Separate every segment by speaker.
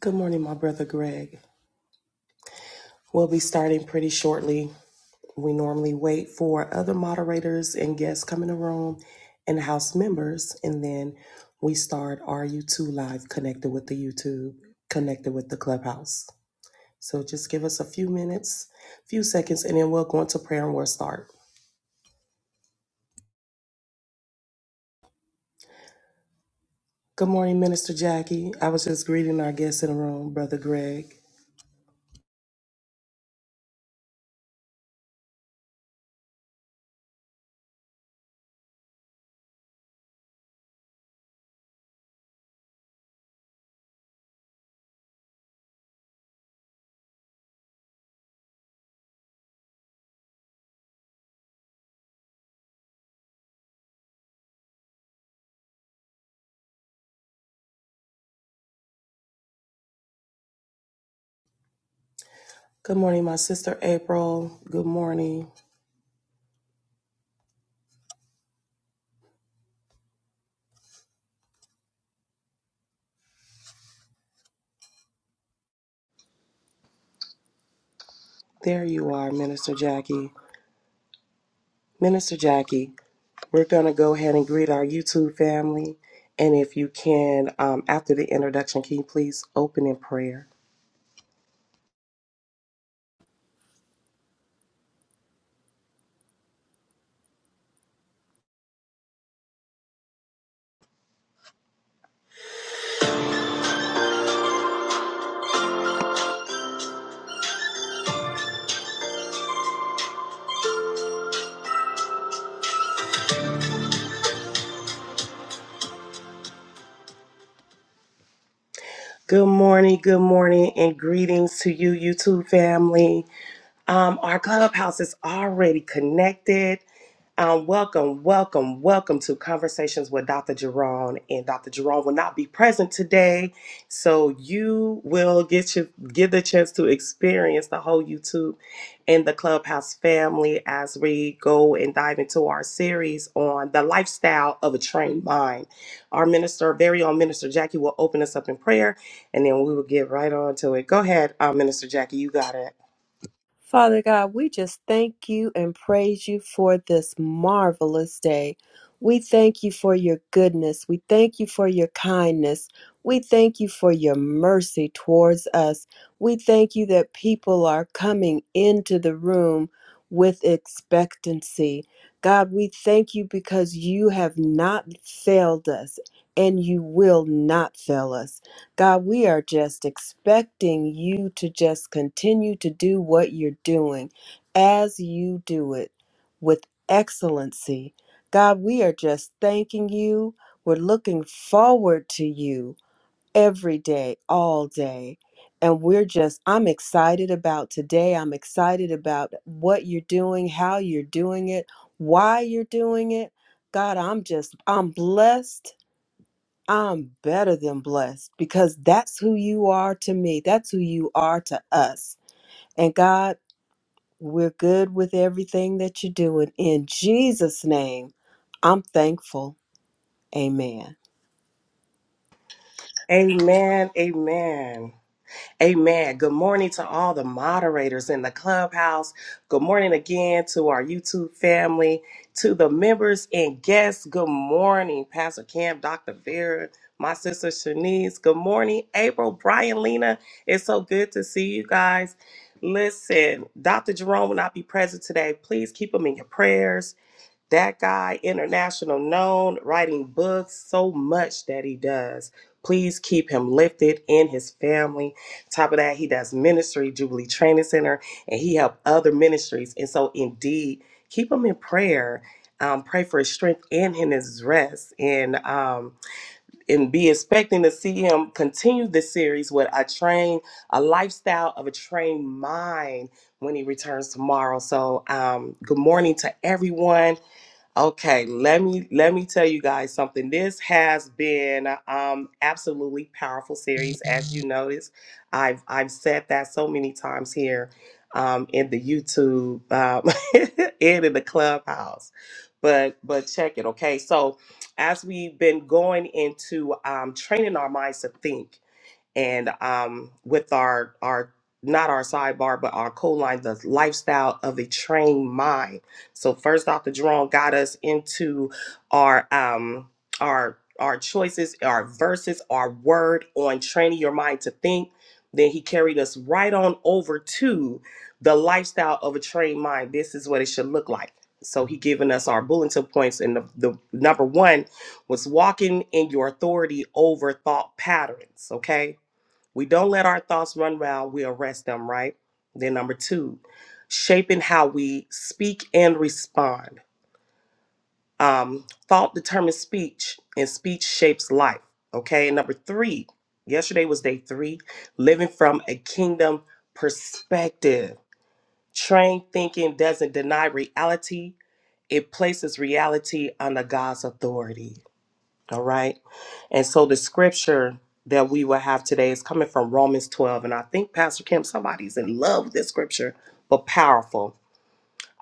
Speaker 1: Good morning, my brother Greg. We'll be starting pretty shortly. We normally wait for other moderators and guests come in the room and house members, and then we start RU2 Live connected with the YouTube, connected with the clubhouse. So just give us a few minutes, few seconds, and then we'll go into prayer and we'll start. Good morning, Minister Jackie. I was just greeting our guests in the room, Brother Greg. Good morning, my sister April. Good morning. There you are, Minister Jackie. Minister Jackie. We're going to go ahead and greet our YouTube family. And if you can, um, after the introduction, can you please open in prayer? Good morning, good morning, and greetings to you, YouTube family. Um, our clubhouse is already connected. Um, welcome, welcome, welcome to Conversations with Dr. Jerome. And Dr. Jerome will not be present today, so you will get you get the chance to experience the whole YouTube and the Clubhouse family as we go and dive into our series on the lifestyle of a trained mind. Our minister, very own minister Jackie, will open us up in prayer, and then we will get right on to it. Go ahead, uh, Minister Jackie, you got it.
Speaker 2: Father God, we just thank you and praise you for this marvelous day. We thank you for your goodness. We thank you for your kindness. We thank you for your mercy towards us. We thank you that people are coming into the room with expectancy. God, we thank you because you have not failed us and you will not fail us. God, we are just expecting you to just continue to do what you're doing as you do it with excellency. God, we are just thanking you. We're looking forward to you every day, all day. And we're just, I'm excited about today. I'm excited about what you're doing, how you're doing it, why you're doing it. God, I'm just, I'm blessed I'm better than blessed because that's who you are to me. That's who you are to us. And God, we're good with everything that you're doing. In Jesus' name, I'm thankful. Amen.
Speaker 1: Amen. Amen. Amen. Good morning to all the moderators in the clubhouse. Good morning again to our YouTube family, to the members and guests. Good morning, Pastor Cam, Dr. Vera, my sister Shanice. Good morning, April, Brian, Lena. It's so good to see you guys. Listen, Dr. Jerome will not be present today. Please keep him in your prayers that guy international known writing books so much that he does please keep him lifted in his family top of that he does ministry jubilee training center and he helped other ministries and so indeed keep him in prayer um, pray for his strength and in his rest and um, and be expecting to see him continue this series with a train a lifestyle of a trained mind when he returns tomorrow so um, good morning to everyone Okay, let me let me tell you guys something. This has been um absolutely powerful series, as you noticed. I've I've said that so many times here um in the YouTube um and in the clubhouse. But but check it, okay? So as we've been going into um training our minds to think and um, with our our not our sidebar but our co line the lifestyle of a trained mind so first dr jerome got us into our um our our choices our verses our word on training your mind to think then he carried us right on over to the lifestyle of a trained mind this is what it should look like so he given us our bulletin points and the, the number one was walking in your authority over thought patterns okay we don't let our thoughts run wild, we arrest them, right? Then, number two, shaping how we speak and respond. Um, thought determines speech, and speech shapes life, okay? And number three, yesterday was day three, living from a kingdom perspective. Trained thinking doesn't deny reality, it places reality under God's authority. All right. And so the scripture that we will have today is coming from Romans 12. And I think, Pastor Kim, somebody's in love with this scripture, but powerful.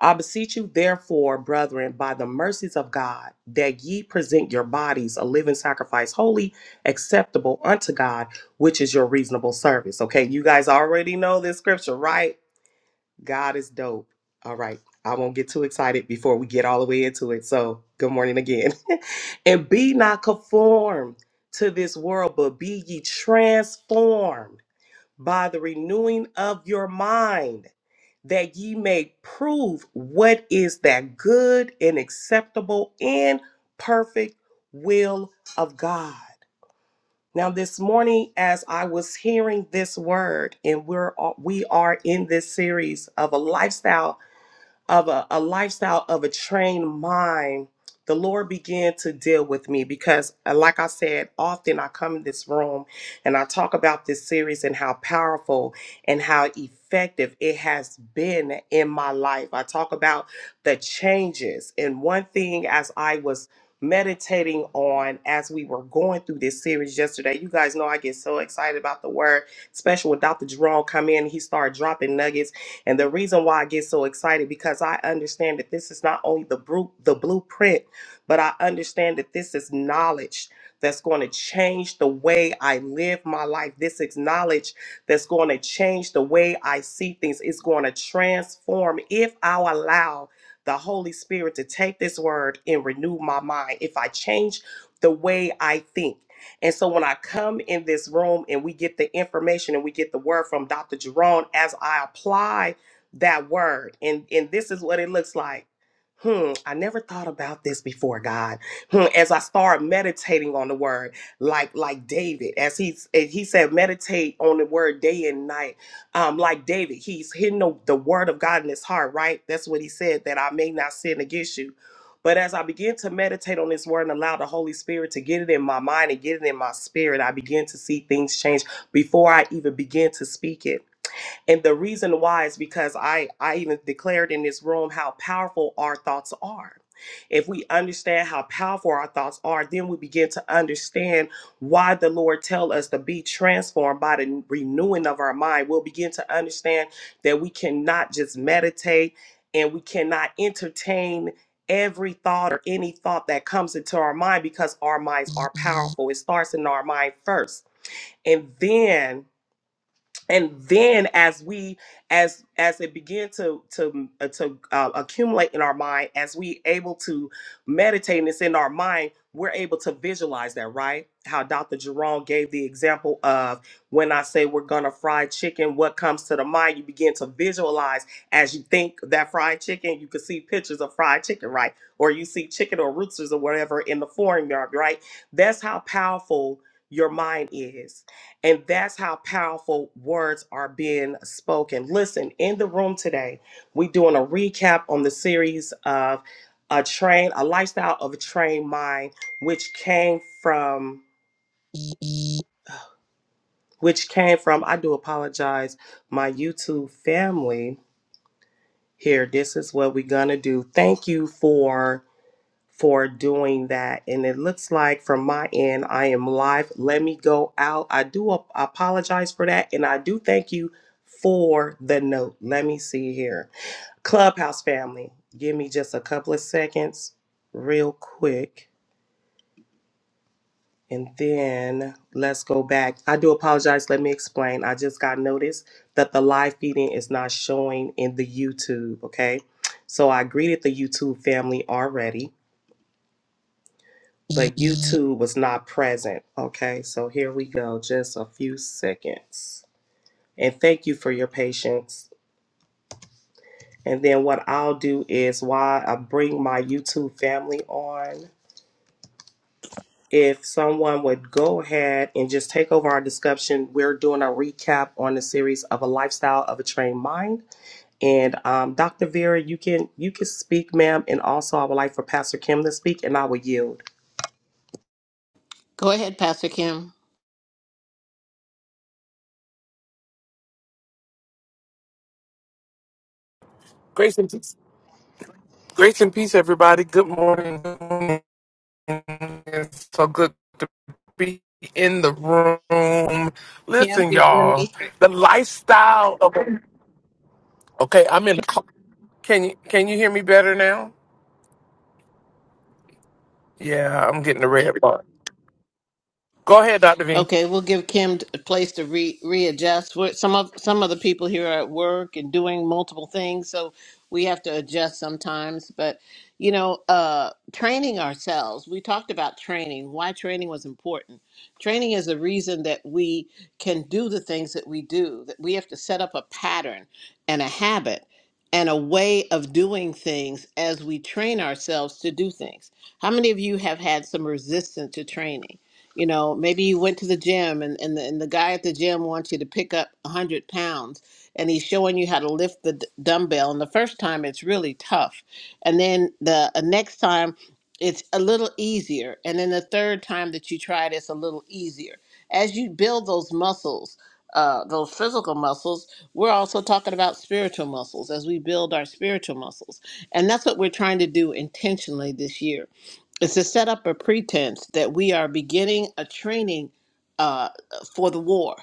Speaker 1: I beseech you, therefore, brethren, by the mercies of God, that ye present your bodies a living sacrifice, holy, acceptable unto God, which is your reasonable service. Okay, you guys already know this scripture, right? God is dope. All right. I won't get too excited before we get all the way into it. So, good morning again. and be not conformed to this world, but be ye transformed by the renewing of your mind, that ye may prove what is that good and acceptable and perfect will of God. Now this morning as I was hearing this word and we're all, we are in this series of a lifestyle of a, a lifestyle of a trained mind, the Lord began to deal with me because, uh, like I said, often I come in this room and I talk about this series and how powerful and how effective it has been in my life. I talk about the changes. And one thing, as I was meditating on as we were going through this series yesterday, you guys know I get so excited about the word, especially when Dr. Jerome come in, he started dropping nuggets and the reason why I get so excited because I understand that this is not only the bru- the blueprint, but I understand that this is knowledge that's going to change the way I live my life. This is knowledge that's going to change the way I see things. It's going to transform if I allow the Holy Spirit to take this word and renew my mind. If I change the way I think. And so when I come in this room and we get the information and we get the word from Dr. Jerome, as I apply that word and and this is what it looks like hmm i never thought about this before god hmm, as i start meditating on the word like like david as he's as he said meditate on the word day and night um like david he's hidden the, the word of god in his heart right that's what he said that i may not sin against you but as I begin to meditate on this word and allow the Holy Spirit to get it in my mind and get it in my spirit, I begin to see things change before I even begin to speak it and the reason why is because i i even declared in this room how powerful our thoughts are if we understand how powerful our thoughts are then we begin to understand why the lord tell us to be transformed by the renewing of our mind we'll begin to understand that we cannot just meditate and we cannot entertain every thought or any thought that comes into our mind because our minds are powerful it starts in our mind first and then and then as we as as it begin to to uh, to uh, accumulate in our mind as we able to meditate and it's in our mind we're able to visualize that right how dr jerome gave the example of when i say we're gonna fry chicken what comes to the mind you begin to visualize as you think that fried chicken you can see pictures of fried chicken right or you see chicken or roosters or whatever in the foreign yard right that's how powerful your mind is and that's how powerful words are being spoken. Listen, in the room today, we're doing a recap on the series of a train, a lifestyle of a trained mind, which came from which came from I do apologize, my YouTube family here. This is what we're gonna do. Thank you for for doing that. And it looks like from my end, I am live. Let me go out. I do ap- apologize for that. And I do thank you for the note. Let me see here. Clubhouse family, give me just a couple of seconds, real quick. And then let's go back. I do apologize. Let me explain. I just got notice that the live feeding is not showing in the YouTube. Okay. So I greeted the YouTube family already. but YouTube was not present. Okay, so here we go, just a few seconds. And thank you for your patience. And then what I'll do is while I bring my YouTube family on, if someone would go ahead and just take over our discussion, we're doing a recap on the series of a lifestyle of a trained mind. And um, Dr. Vera, you can you can speak, ma'am, and also I would like for Pastor Kim to speak, and I will yield.
Speaker 3: Go ahead, Pastor Kim.
Speaker 4: Grace and peace. Grace and peace, everybody. Good morning. Good morning. It's so good to be in the room.
Speaker 3: Kim,
Speaker 4: Listen,
Speaker 3: you're in the
Speaker 4: y'all.
Speaker 3: matrix.
Speaker 4: The lifestyle of okay. I'm in. The, car. can you can you hear me better now? Yeah, I'm getting the red bar. Go ahead, Doctor V.
Speaker 3: Okay, we'll give Kim a place to re- readjust. We're, some of some of the people here are at work and doing multiple things, so we have to adjust sometimes. But you know, uh, training ourselves. We talked about training. Why training was important. Training is the reason that we can do the things that we do. That we have to set up a pattern and a habit and a way of doing things as we train ourselves to do things. How many of you have had some resistance to training? You know, maybe you went to the gym and, and, the, and the guy at the gym wants you to pick up 100 pounds and he's showing you how to lift the d- dumbbell. And the first time it's really tough. And then the uh, next time it's a little easier. And then the third time that you try it, it's a little easier. As you build those muscles, uh, those physical muscles, we're also talking about spiritual muscles as we build our spiritual muscles. And that's what we're trying to do intentionally this year it's to set up a pretense that we are beginning a training uh, for the war.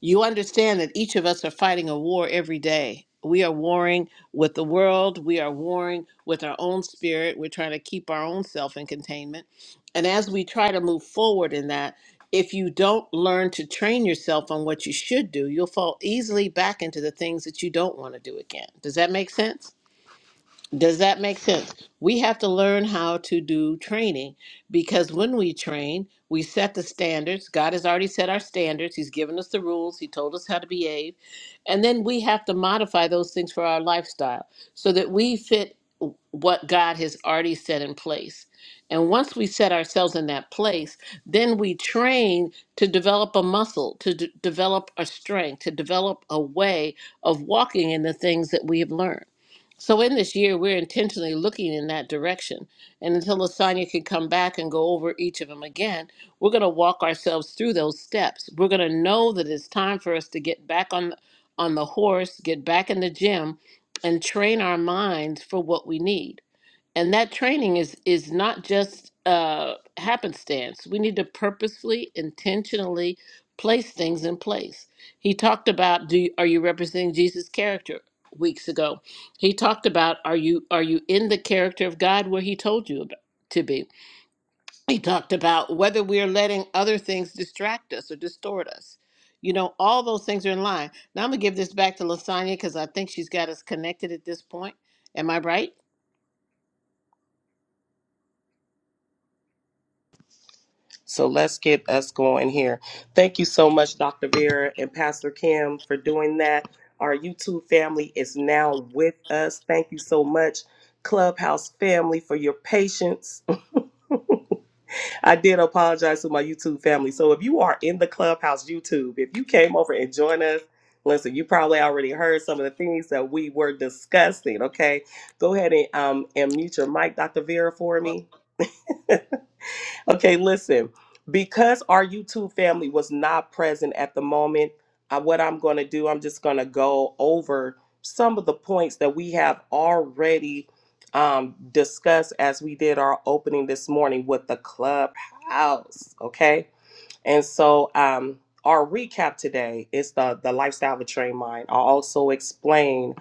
Speaker 3: You understand that each of us are fighting a war every day. We are warring with the world. We are warring with our own spirit. We're trying to keep our own self in containment. And as we try to move forward in that, if you don't learn to train yourself on what you should do, you'll fall easily back into the things that you don't want to do again. Does that make sense? Does that make sense? We have to learn how to do training because when we train, we set the standards. God has already set our standards. He's given us the rules. He told us how to behave. And then we have to modify those things for our lifestyle so that we fit what God has already set in place. And once we set ourselves in that place, then we train to develop a muscle, to d- develop a strength, to develop a way of walking in the things that we have learned. So in this year, we're intentionally looking in that direction. And until Lasagna can come back and go over each of them again, we're going to walk ourselves through those steps. We're going to know that it's time for us to get back on on the horse, get back in the gym, and train our minds for what we need and that training is is not just uh happenstance we need to purposefully intentionally place things in place he talked about do you, are you representing jesus character weeks ago he talked about are you are you in the character of god where he told you about, to be he talked about whether we are letting other things distract us or distort us you know all those things are in line now i'm gonna give this back to lasagna because i think she's got us connected at this point am i right
Speaker 1: So let's get us going here. Thank you so much, Dr. Vera and Pastor Kim, for doing that. Our YouTube family is now with us. Thank you so much, Clubhouse family, for your patience. I did apologize to my YouTube family. So if you are in the Clubhouse YouTube, if you came over and joined us, listen, you probably already heard some of the things that we were discussing. Okay, go ahead and um and mute your mic, Dr. Vera, for me. Okay, listen. Because our YouTube family was not present at the moment, I, what I'm going to do, I'm just going to go over some of the points that we have already um, discussed as we did our opening this morning with the clubhouse. Okay. And so um, our recap today is the the lifestyle of a trained mind. I'll also explain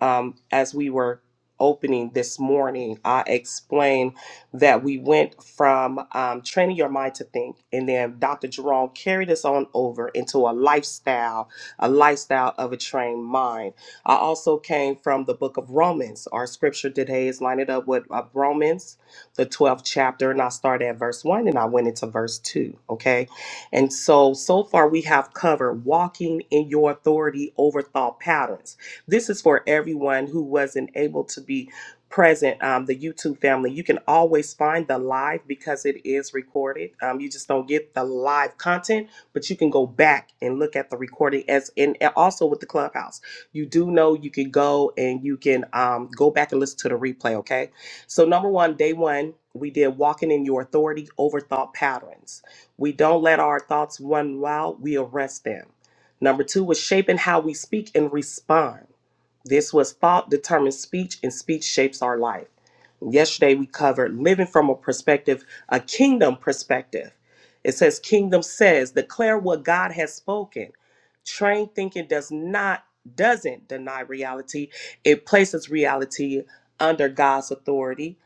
Speaker 1: um, as we were opening this morning. I explained that we went from um, training your mind to think, and then Dr. Jerome carried us on over into a lifestyle, a lifestyle of a trained mind. I also came from the book of Romans. Our scripture today is lined up with uh, Romans, the 12th chapter, and I started at verse one, and I went into verse two. Okay. And so, so far, we have covered walking in your authority over thought patterns. This is for everyone who wasn't able to be present, um, the YouTube family. You can always find the live because it is recorded. Um, you just don't get the live content, but you can go back and look at the recording as and also with the clubhouse. You do know you can go and you can um, go back and listen to the replay, okay? So, number one, day one, we did walking in your authority over thought patterns. We don't let our thoughts run wild, we arrest them. Number two is shaping how we speak and respond. This was thought determines speech, and speech shapes our life. Yesterday, we covered living from a perspective, a kingdom perspective. It says, Kingdom says, declare what God has spoken. Trained thinking does not, doesn't deny reality, it places reality under God's authority.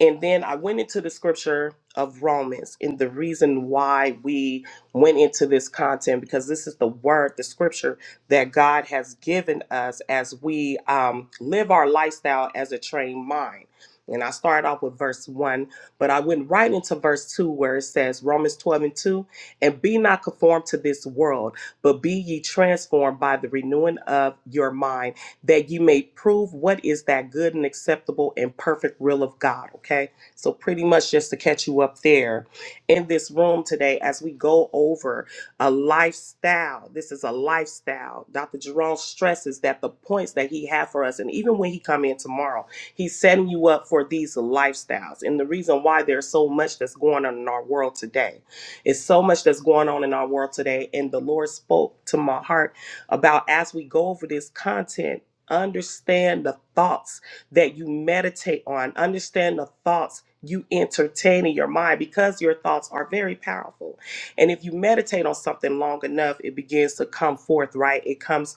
Speaker 1: And then I went into the scripture of Romans and the reason why we went into this content because this is the word, the scripture that God has given us as we um, live our lifestyle as a trained mind. And I start off with verse one, but I went right into verse two where it says, Romans 12 and 2, and be not conformed to this world, but be ye transformed by the renewing of your mind, that you may prove what is that good and acceptable and perfect will of God. Okay. So, pretty much just to catch you up there in this room today as we go over a lifestyle. This is a lifestyle. Dr. Jerome stresses that the points that he had for us, and even when he come in tomorrow, he's setting you up for these lifestyles. And the reason why there's so much that's going on in our world today. It's so much that's going on in our world today. And the Lord spoke to my heart about as we go over this content, understand the thoughts that you meditate on, understand the thoughts you entertain in your mind because your thoughts are very powerful. And if you meditate on something long enough, it begins to come forth, right? It comes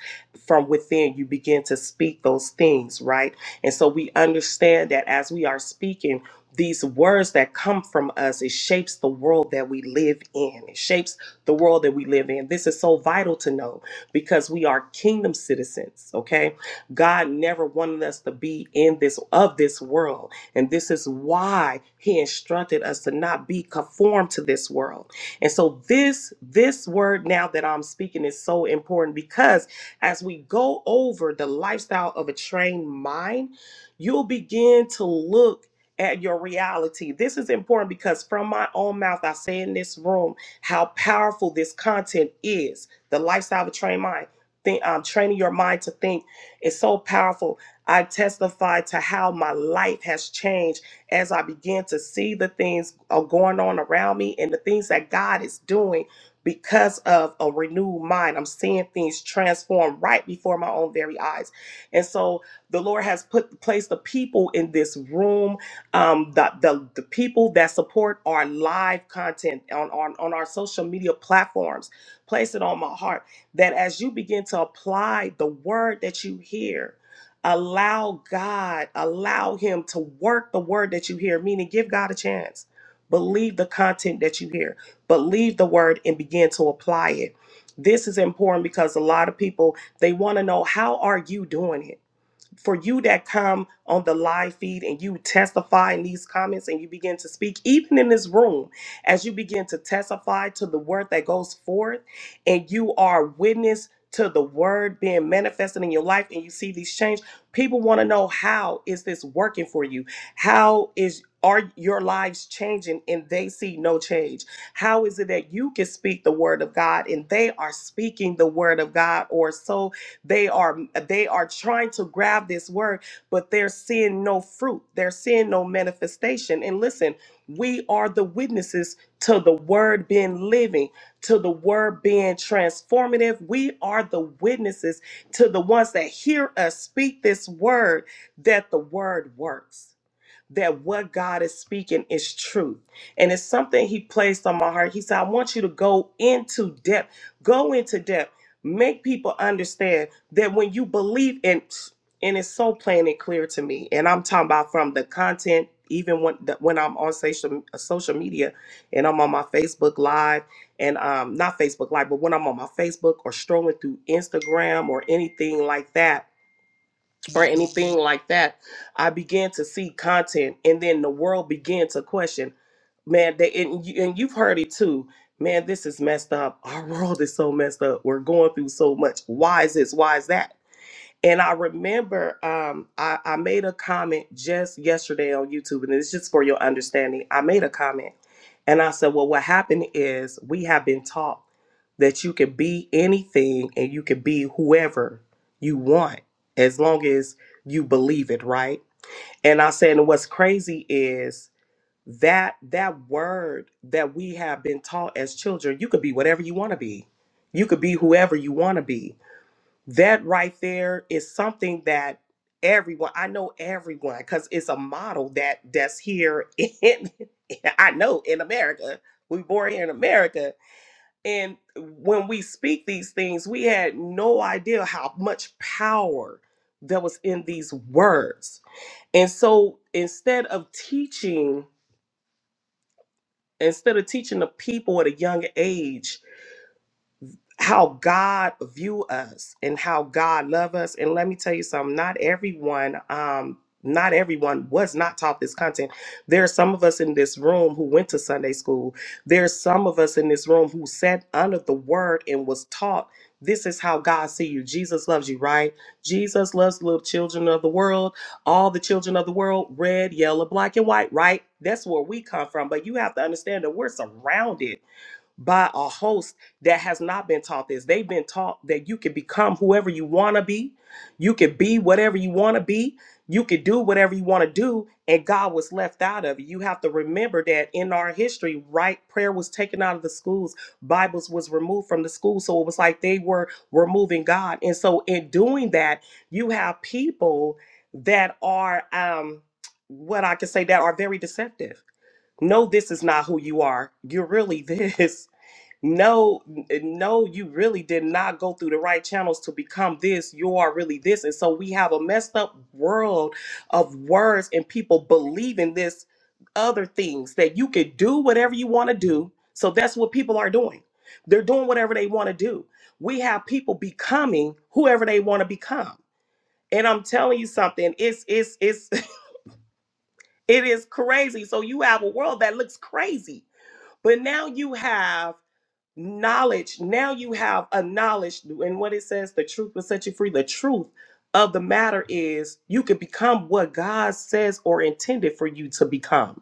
Speaker 1: from within. You begin to speak those things, right? And so we understand that as we are speaking, these words that come from us, it shapes the world that we live in. It shapes the world that we live in. This is so vital to know because we are kingdom citizens, okay? God never wanted us to be in this of this world. And this is why he instructed us to not be conformed to this world and so this this word now that I'm speaking is so important because as we go over the lifestyle of a trained mind, you'll begin to look at your reality. This is important because from my own mouth I say in this room how powerful this content is. The lifestyle of a trained mind. Think, um, training your mind to think is so powerful. I testify to how my life has changed as I began to see the things are going on around me and the things that God is doing because of a renewed mind. I'm seeing things transform right before my own very eyes. And so the Lord has put placed the people in this room, um, the, the, the people that support our live content on, on, on our social media platforms. Place it on my heart that as you begin to apply the word that you hear, Allow God, allow Him to work the word that you hear, meaning give God a chance. Believe the content that you hear, believe the word and begin to apply it. This is important because a lot of people, they want to know, how are you doing it? for you that come on the live feed and you testify in these comments and you begin to speak, even in this room, as you begin to testify to the word that goes forth and you are witness to the word being manifested in your life and you see these change, people want to know how is this working for you? How is are your lives changing and they see no change? How is it that you can speak the word of God and they are speaking the word of God or so they are they are trying to grab this word, but they're seeing no fruit. They're seeing no manifestation. And listen, we are the witnesses to the word being living, to the word being transformative. We are the witnesses to the ones that hear us speak this word that the word works that what God is speaking is truth. And it's something He placed on my heart. He said, I want you to go into depth, go into depth, make people understand that when you believe in, and it's so plain and clear to me. And I'm talking about from the content, even when the, when I'm on social uh, social media, and I'm on my Facebook Live, and um, not Facebook Live, but when I'm on my Facebook or strolling through Instagram or anything like that or anything like that, I began to see content, and then the world began to question, man. They and, you, and you've heard it too, man. This is messed up. Our world is so messed up. We're going through so much. Why is this? Why is that? And I remember um, I, I made a comment just yesterday on YouTube, and it's just for your understanding. I made a comment and I said, Well, what happened is we have been taught that you can be anything and you can be whoever you want as long as you believe it, right? And I said, and what's crazy is that that word that we have been taught as children, you could be whatever you want to be. You could be whoever you want to be that right there is something that everyone i know everyone because it's a model that that's here in i know in america we born here in america and when we speak these things we had no idea how much power that was in these words and so instead of teaching instead of teaching the people at a young age how God view us and how God love us. And let me tell you something, not everyone, um, not everyone was not taught this content. There are some of us in this room who went to Sunday school. There's some of us in this room who sat under the word and was taught this is how God see you. Jesus loves you, right? Jesus loves the little children of the world, all the children of the world, red, yellow, black, and white, right? That's where we come from. But you have to understand that we're surrounded by a host that has not been taught this. They've been taught that you can become whoever you want to be, you can be whatever you want to be, you can do whatever you want to do, and God was left out of it. You have to remember that in our history, right, prayer was taken out of the schools, Bibles was removed from the schools, so it was like they were removing God. And so in doing that, you have people that are um what I could say that are very deceptive. No, this is not who you are. You're really this no n- no you really did not go through the right channels to become this you are really this and so we have a messed up world of words and people believing this other things that you could do whatever you want to do so that's what people are doing they're doing whatever they want to do we have people becoming whoever they want to become and i'm telling you something it's it's it's it is crazy so you have a world that looks crazy but now you have knowledge now you have a knowledge and what it says the truth will set you free the truth of the matter is you can become what god says or intended for you to become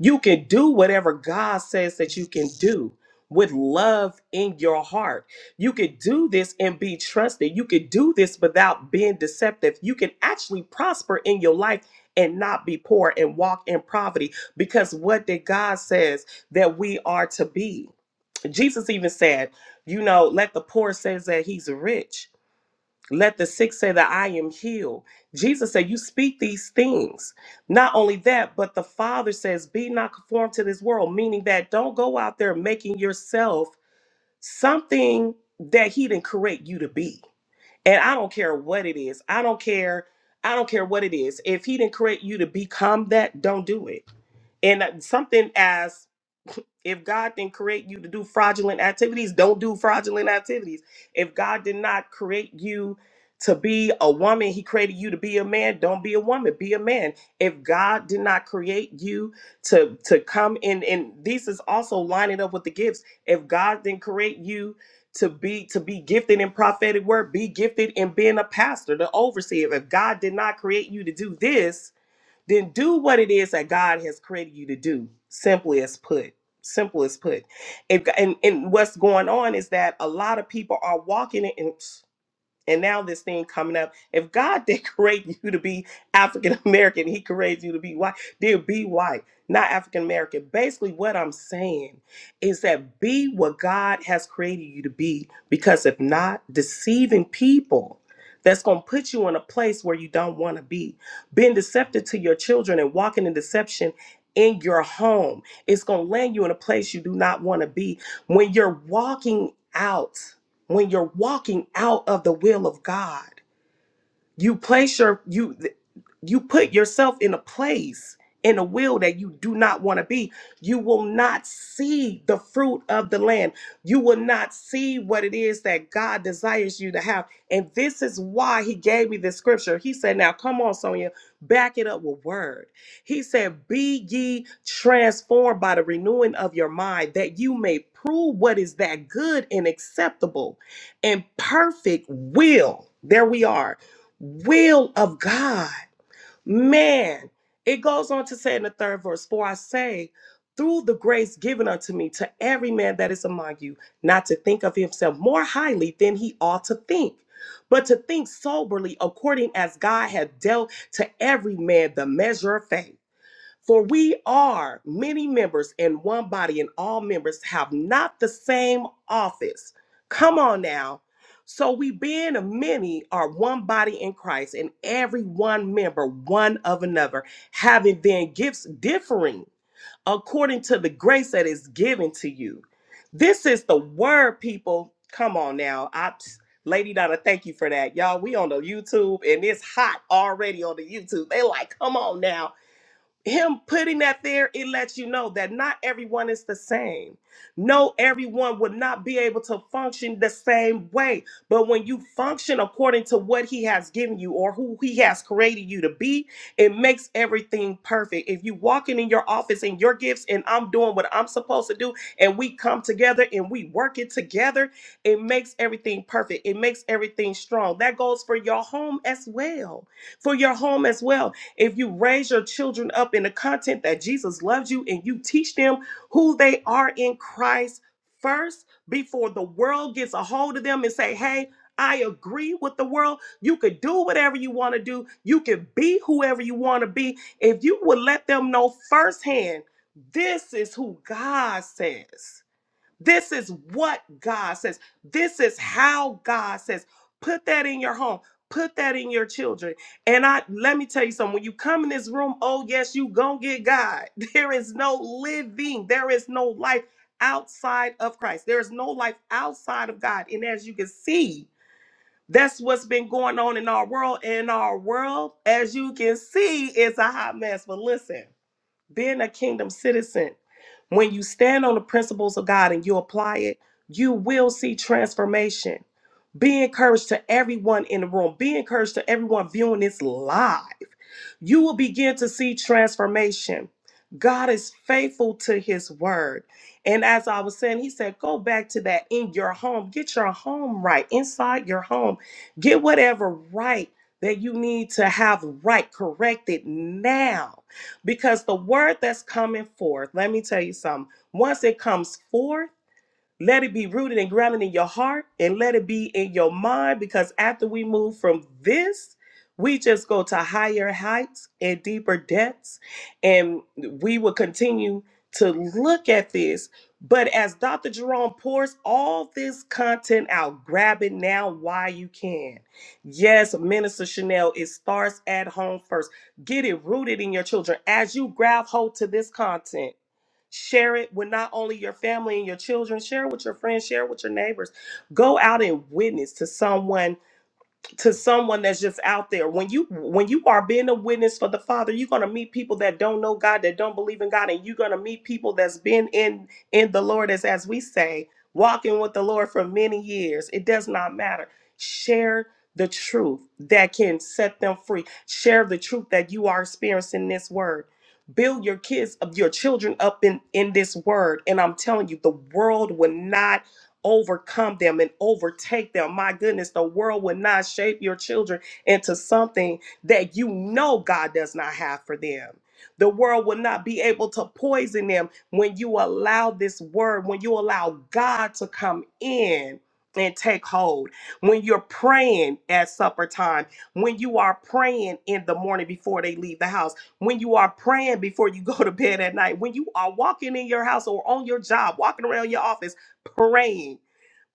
Speaker 1: you can do whatever god says that you can do with love in your heart you can do this and be trusted you can do this without being deceptive you can actually prosper in your life and not be poor and walk in poverty because what did god says that we are to be Jesus even said, you know, let the poor say that he's rich. Let the sick say that I am healed. Jesus said, You speak these things. Not only that, but the Father says, Be not conformed to this world, meaning that don't go out there making yourself something that He didn't create you to be. And I don't care what it is. I don't care. I don't care what it is. If He didn't create you to become that, don't do it. And uh, something as if God didn't create you to do fraudulent activities, don't do fraudulent activities. If God did not create you to be a woman, He created you to be a man, don't be a woman, be a man. If God did not create you to, to come in, and this is also lining up with the gifts. If God didn't create you to be to be gifted in prophetic word, be gifted in being a pastor, the overseer. If God did not create you to do this, then do what it is that God has created you to do. Simply as put, simple as put. If, and and what's going on is that a lot of people are walking in. oops, and now this thing coming up. If God did create you to be African American, He creates you to be white. Dear, be white, not African American. Basically, what I'm saying is that be what God has created you to be, because if not, deceiving people. That's going to put you in a place where you don't want to be. Being deceptive to your children and walking in deception in your home, it's going to land you in a place you do not want to be. When you're walking out when you're walking out of the will of God. You place your you you put yourself in a place in a will that you do not want to be. You will not see the fruit of the land. You will not see what it is that God desires you to have. And this is why he gave me this scripture. He said, Now come on, Sonia, back it up with word. He said, Be ye transformed by the renewing of your mind, that you may prove what is that good and acceptable and perfect will. There we are will of God. Man, it goes on to say in the third verse, For I say, through the grace given unto me to every man that is among you, not to think of himself more highly than he ought to think, but to think soberly according as God hath dealt to every man the measure of faith. For we are many members in one body, and all members have not the same office. Come on now. So we, being many, are one body in Christ, and every one member one of another, having then gifts differing according to the grace that is given to you. This is the word, people. Come on now. I, Lady Donna, thank you for that. Y'all, we on the YouTube, and it's hot already on the YouTube. They like, come on now him putting that there, it lets you know that not everyone is the same. No, everyone would not be able to function the same way. But when you function according to what he has given you or who he has created you to be, it makes everything perfect. If you walking in your office and your gifts and I'm doing what I'm supposed to do and we come together and we work it together, it makes everything perfect. It makes everything strong. That goes for your home as well for your home as well. If you raise your children up in the content that Jesus loves you and you teach them who they are in Christ first before the world gets a hold of them and say, hey, I agree with the world. You could do whatever you want to do. You can be whoever you want to be. If you would let them know firsthand, this is who God says. This is what God says. This is how God says. Put that in your home. Put that in your children. And I let me tell you something. When you come in this room, oh yes, you gonna get God. There is no living. There is no life outside of Christ. There is no life outside of God. And as you can see, that's what's been going on in our world. And our world, as you can see, is a hot mess. But listen being a kingdom citizen, when you stand on the principles of God and you apply it, you will see transformation. Be encouraged to everyone in the room. Be encouraged to everyone viewing this live. You will begin to see transformation. God is faithful to his word. And as I was saying, he said, go back to that in your home. Get your home right, inside your home. Get whatever right that you need to have right corrected now because the word that's coming forth, let me tell you something. Once it comes forth, let it be rooted and grounded in your heart and let it be in your mind because after we move from this, we just go to higher heights and deeper depths. And we will continue to look at this. But as Dr. Jerome pours all this content out, grab it now while you can. Yes, Minister Chanel, it starts at home first. Get it rooted in your children. As you grab hold to this content, Share it with not only your family and your children, share it with your friends, share it with your neighbors. Go out and witness to someone to someone that's just out there when you when you are being a witness for the father you're going to meet people that don't know god that don't believe in god and you're going to meet people that's been in in the lord as as we say walking with the lord for many years it does not matter share the truth that can set them free share the truth that you are experiencing in this word build your kids of your children up in in this word and i'm telling you the world will not overcome them and overtake them. My goodness, the world will not shape your children into something that you know God does not have for them. The world will not be able to poison them when you allow this word, when you allow God to come in and take hold. When you're praying at supper time, when you are praying in the morning before they leave the house, when you are praying before you go to bed at night, when you are walking in your house or on your job, walking around your office, praying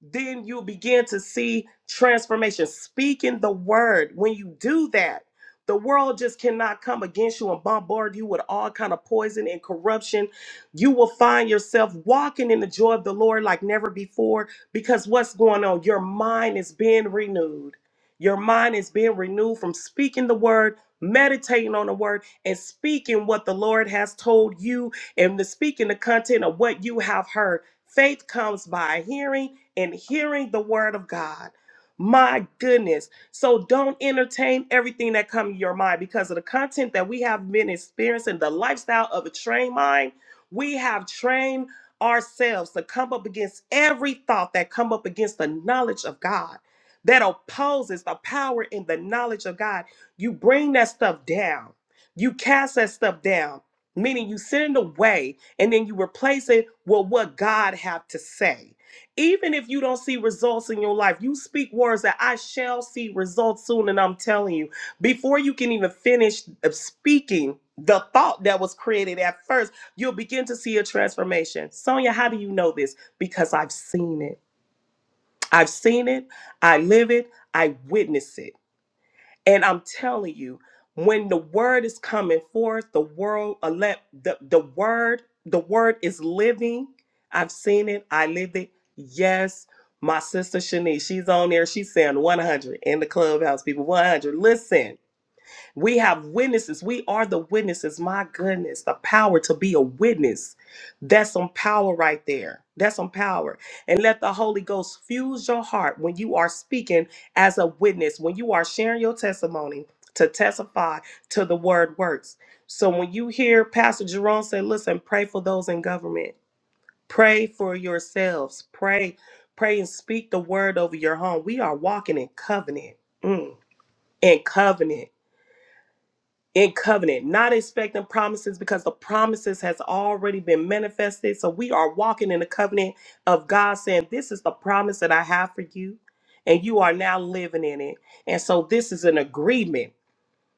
Speaker 1: then you begin to see transformation. Speaking the word, when you do that, the world just cannot come against you and bombard you with all kind of poison and corruption. You will find yourself walking in the joy of the Lord like never before because what's going on? Your mind is being renewed. Your mind is being renewed from speaking the word, meditating on the word, and speaking what the Lord has told you and the speaking the content of what you have heard. Faith comes by hearing and hearing the word of God. My goodness. So don't entertain everything that comes to your mind because of the content that we have been experiencing, the lifestyle of a trained mind. We have trained ourselves to come up against every thought that come up against the knowledge of God that opposes the power in the knowledge of God. You bring that stuff down. You cast that stuff down, meaning you send it away and then you replace it with what God have to say even if you don't see results in your life, you speak words that I shall see results soon. And I'm telling you, before you can even finish uh, speaking the thought that was created at first, you'll begin to see a transformation. Sonia, how do you know this? Because I've seen it. I've seen it. I live it. I witness it. And I'm telling you, when the word is coming forth, the world elect the, the word, the word is living. I've seen it, I live it. Yes, my sister Shanice, she's on there. She's saying 100 in the clubhouse, people. 100. Listen. We have witnesses. We are the witnesses. My goodness, the power to be a witness. That's some power right there. That's some power. And let the Holy Ghost fuse your heart when you are speaking as a witness, when you are sharing your testimony to testify to the word works. So when you hear Pastor Jerome say, listen, pray for those in government, pray for yourselves, pray, pray and speak the word over your home. We are walking in covenant. Mm, in covenant in covenant, not expecting promises because the promises has already been manifested. So we are walking in the covenant of God saying, This is the promise that I have for you, and you are now living in it. And so this is an agreement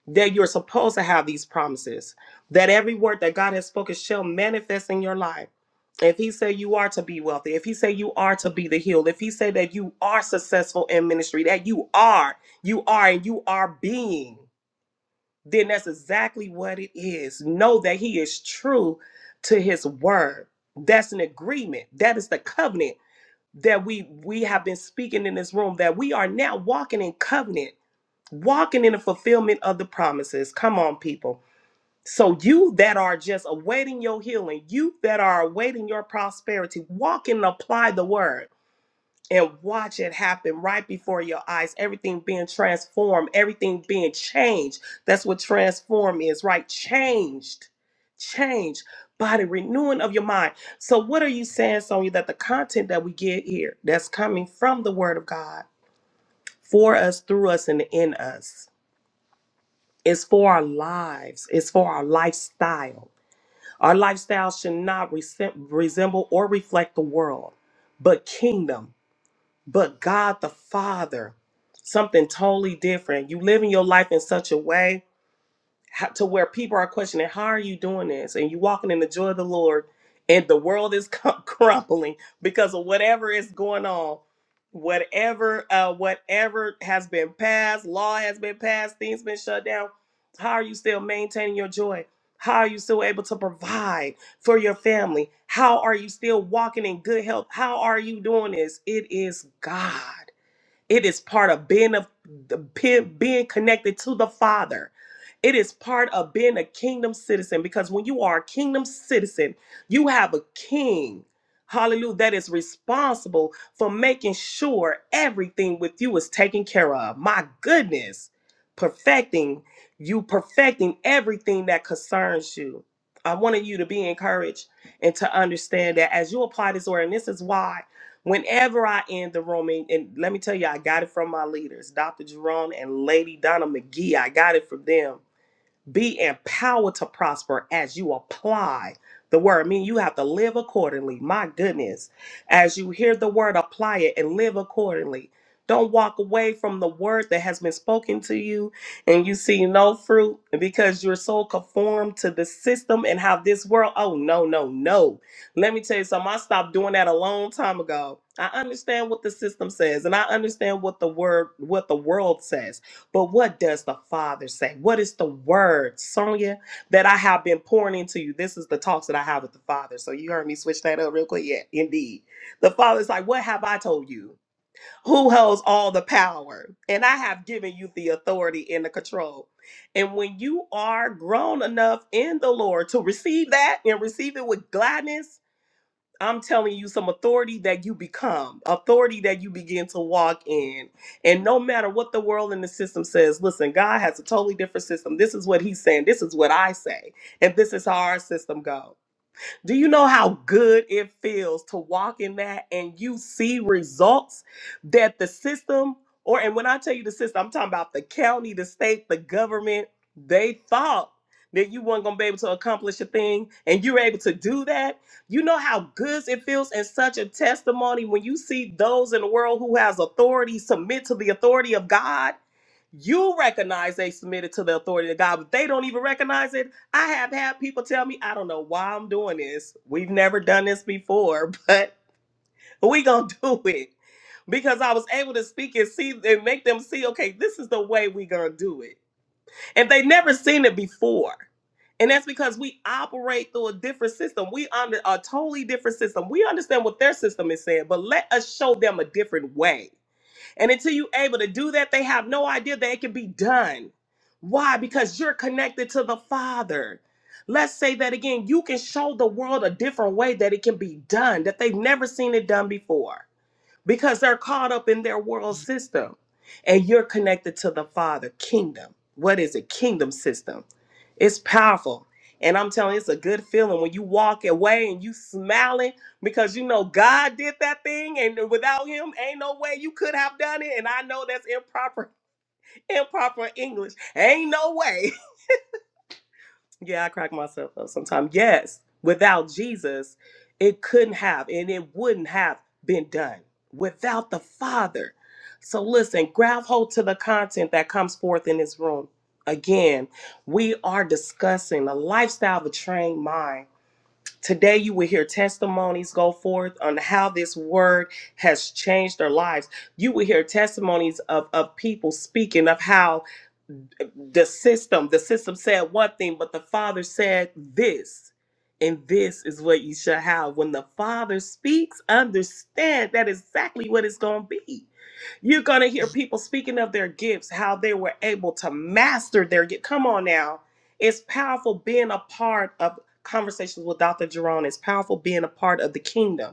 Speaker 1: that you're supposed to have these promises, that every word that God has spoken shall manifest in your life. If he said you are to be wealthy, if he said you are to be the healed, if he said that you are successful in ministry, that you are, you are, and you are being then that's exactly what it is. Know that he is true to his word. That's an agreement. That is the covenant that we we have been speaking in this room that we are now walking in covenant, walking in the fulfillment of the promises. Come on people. So you that are just awaiting your healing, you that are awaiting your prosperity, walk and apply the word and watch it happen right before your eyes. Everything being transformed, everything being changed. That's what transform is, right? Changed, changed by the renewing of your mind. So, what are you saying, Sonya, that the content that we get here that's coming from the Word of God for us, through us, and in us? is for our lives. It's for our lifestyle. Our lifestyle should not resem- resemble or reflect the world, but kingdom but God the Father, something totally different. You living your life in such a way how, to where people are questioning, how are you doing this? And you walking in the joy of the Lord, and the world is crum- crumbling because of whatever is going on, whatever, uh, whatever has been passed, law has been passed, things been shut down. How are you still maintaining your joy? How are you still able to provide for your family? How are you still walking in good health? How are you doing this? It is God. It is part of being of being connected to the Father. It is part of being a kingdom citizen because when you are a kingdom citizen, you have a king. Hallelujah. That is responsible for making sure everything with you is taken care of. My goodness. Perfecting you, perfecting everything that concerns you. I wanted you to be encouraged and to understand that as you apply this word, and this is why. Whenever I end the room, and, and let me tell you, I got it from my leaders, Dr. Jerome and Lady Donna McGee. I got it from them be empowered to prosper as you apply the word. I mean, you have to live accordingly. My goodness. As you hear the word, apply it and live accordingly. Don't walk away from the word that has been spoken to you and you see no fruit because you're so conformed to the system and how this world. Oh, no, no, no. Let me tell you something. I stopped doing that a long time ago. I understand what the system says and I understand what the word, what the world says but what does the Father say? What is the word, Sonia, that I have been pouring into you? This is the talks that I have with the Father. So you heard me switch that up real quick. Yeah, indeed. The Father's like, What have I told you? Who holds all the power? And I have given you the authority and the control. And when you are grown enough in the Lord to receive that and receive it with gladness, I'm telling you some authority that you become, authority that you begin to walk in. And no matter what the world and the system says, listen, God has a totally different system. This is what he's saying. This is what I say. And this is how our system goes. Do you know how good it feels to walk in that and you see results that the system, or and when I tell you the system, I'm talking about the county, the state, the government, they thought that you weren't gonna be able to accomplish a thing and you were able to do that. You know how good it feels and such a testimony when you see those in the world who has authority submit to the authority of God you recognize they submitted to the authority of God, but they don't even recognize it I have had people tell me, I don't know why I'm doing this. We've never done this before, but we gonna do it. Because I was able to speak and see and make them see, okay, this is the way we gonna do it. And they never seen it before. And that's because we operate through a different system. We under a totally different system. We understand what their system is saying, but let us show them a different way and until you're able to do that, they have no idea that it can be done. Why? Because you're connected to the Father. Let's say that again. You can show the world a different way that it can be done, that they've never seen it done before because they're caught up in their world system and you're connected to the father kingdom what is it kingdom system it's powerful and i'm telling you it's a good feeling when you walk away and you smiling because you know god did that thing and without him ain't no way you could have done it and i know that's improper improper english ain't no way yeah, I crack myself up sometimes. Yes, without Jesus, it couldn't have and it wouldn't have been done without the Father. So listen, grab hold to the content that comes forth in this room. Again, we are discussing the lifestyle of a trained mind. Today, you will hear testimonies go forth on how this word has changed their lives. You will hear testimonies of, of people speaking of how the system the system said one thing but the father said this and this is what you shall have when the father speaks understand that is exactly what it's going to be you're going to hear people speaking of their gifts how they were able to master their gift come on now it's powerful being a part of conversations with dr jerome it's powerful being a part of the kingdom